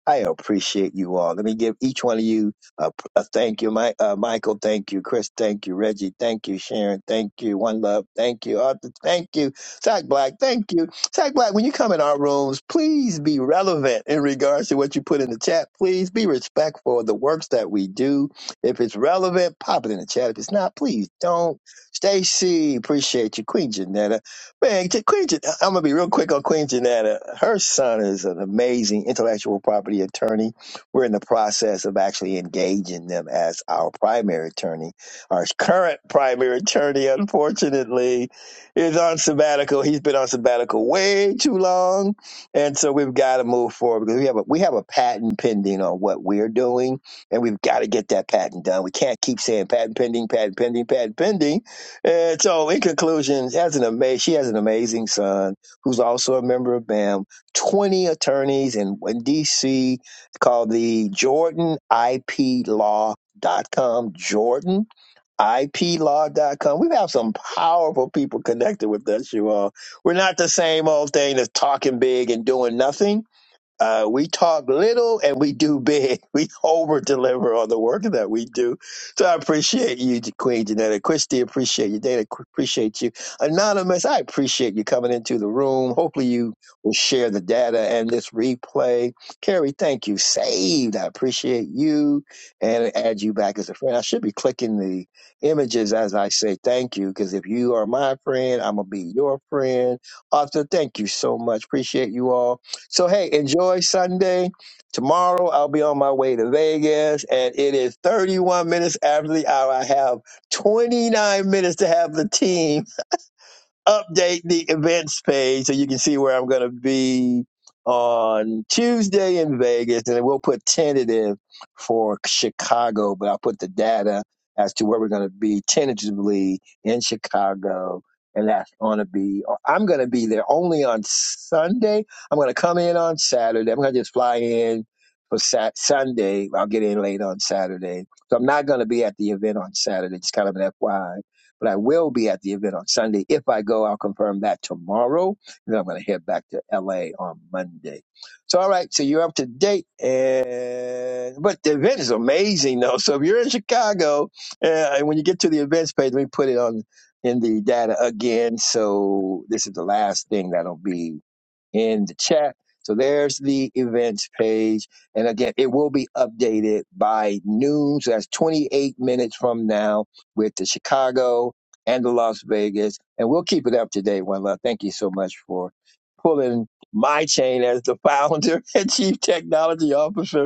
S1: I appreciate you all. Let me give each one of you a, a thank you, Mi- uh, Michael. Thank you, Chris. Thank you, Reggie. Thank you, Sharon. Thank you, One Love. Thank you, Arthur. Thank you, Zach Black. Thank you, Zach Black. When you come in our rooms, please be relevant in regards to what you put in the chat. Please be respectful of the works that we do. If it's relevant, pop it in the chat. If it's not, please don't. Stacy, appreciate you, Queen Janetta. Man, J- Queen, Jan- I'm gonna be real quick on Queen Janetta. Her son is an amazing intellectual property attorney. We're in the process of actually engaging them as our primary attorney. Our current primary attorney, unfortunately, is on sabbatical. He's been on sabbatical way too long, and so we've got to move forward because we have a we have a patent pending on what we're doing, and we've got to get that patent done. We can't keep saying patent pending, patent pending, patent pending and so, in conclusion, she has an ama- she has an amazing son who's also a member of BAM. Twenty attorneys in, in D.C. called the Jordan IP Law. Dot com, Jordan, iplaw.com. We have some powerful people connected with us, you all. We're not the same old thing that's talking big and doing nothing. Uh, we talk little and we do big. We over deliver on the work that we do. So I appreciate you, Queen Janetta. Christy, appreciate you. Dana, qu- appreciate you. Anonymous, I appreciate you coming into the room. Hopefully you will share the data and this replay. Carrie, thank you. Saved. I appreciate you and add you back as a friend. I should be clicking the images as I say thank you because if you are my friend, I'm going to be your friend. Arthur, thank you so much. Appreciate you all. So hey, enjoy Sunday. Tomorrow I'll be on my way to Vegas and it is 31 minutes after the hour. I have 29 minutes to have the team update the events page so you can see where I'm going to be on Tuesday in Vegas, and then we'll put tentative for Chicago, but I'll put the data as to where we're going to be tentatively in Chicago. And that's going to be, or I'm going to be there only on Sunday. I'm going to come in on Saturday. I'm going to just fly in for sat- Sunday. I'll get in late on Saturday. So I'm not going to be at the event on Saturday. Just kind of an FYI but I will be at the event on Sunday. If I go, I'll confirm that tomorrow. And then I'm going to head back to LA on Monday. So, all right. So you're up to date. And, but the event is amazing though. So if you're in Chicago, uh, and when you get to the events page, let me put it on in the data again. So this is the last thing that'll be in the chat. So there's the events page. And again, it will be updated by noon. So that's 28 minutes from now with the Chicago and the Las Vegas. And we'll keep it up to date, One Love. Thank you so much for pulling my chain as the founder and chief technology officer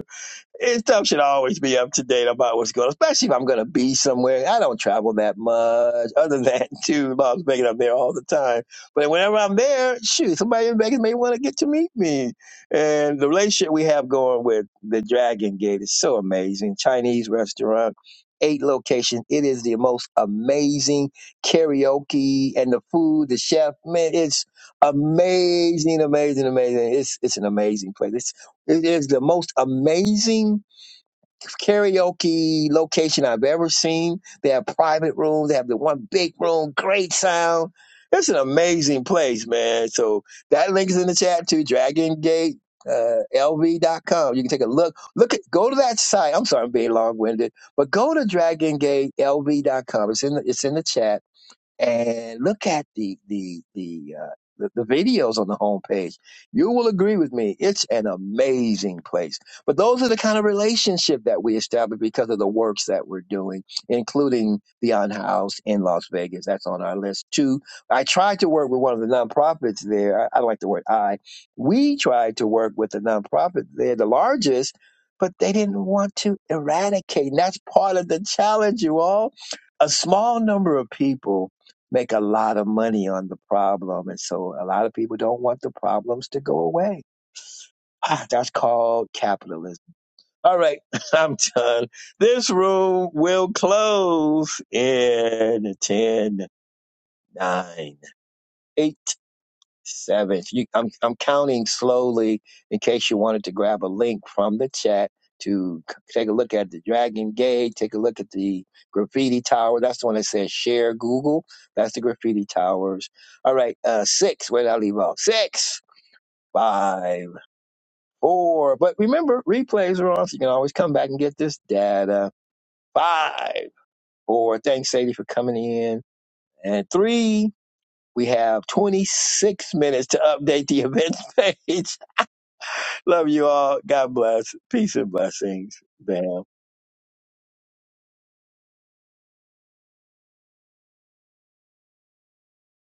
S1: it, stuff should always be up to date about what's going on, especially if I'm going to be somewhere. I don't travel that much, other than to Las Vegas. I'm there all the time. But whenever I'm there, shoot, somebody in Vegas may want to get to meet me. And the relationship we have going with the Dragon Gate is so amazing. Chinese restaurant, eight locations. It is the most amazing karaoke and the food, the chef, man, it's amazing, amazing, amazing. It's it's an amazing place. It's it is the most amazing karaoke location I've ever seen. They have private rooms. They have the one big room, great sound. It's an amazing place, man. So that link is in the chat too, dragongate, uh, L V dot com. You can take a look. Look at, go to that site. I'm sorry, I'm being long winded, but go to dragon gate L V dot com. It's in the, it's in the chat and look at the the the uh, the, the videos on the homepage. You will agree with me. It's an amazing place. But those are the kind of relationship that we establish because of the works that we're doing, including Beyond House in Las Vegas. That's on our list too. I tried to work with one of the nonprofits there. I, I don't like the word I. We tried to work with the nonprofit there, the largest, but they didn't want to eradicate. And that's part of the challenge, you all. A small number of people make a lot of money on the problem. And so a lot of people don't want the problems to go away. Ah, that's called capitalism. All right, I'm done. This room will close in ten, nine, 8, Seventh. You, I'm, I'm counting slowly in case you wanted to grab a link from the chat to c- take a look at the Dragon Gate, take a look at the graffiti tower. That's the one that says share Google. That's the graffiti towers. All right, uh, six. Where did I leave off? Six, five, four. But remember, replays are on, so you can always come back and get this data. Five, four. Thanks, Sadie, for coming in. And three, we have 26 minutes to update the event page. Love you all. God bless. Peace and blessings, Bam.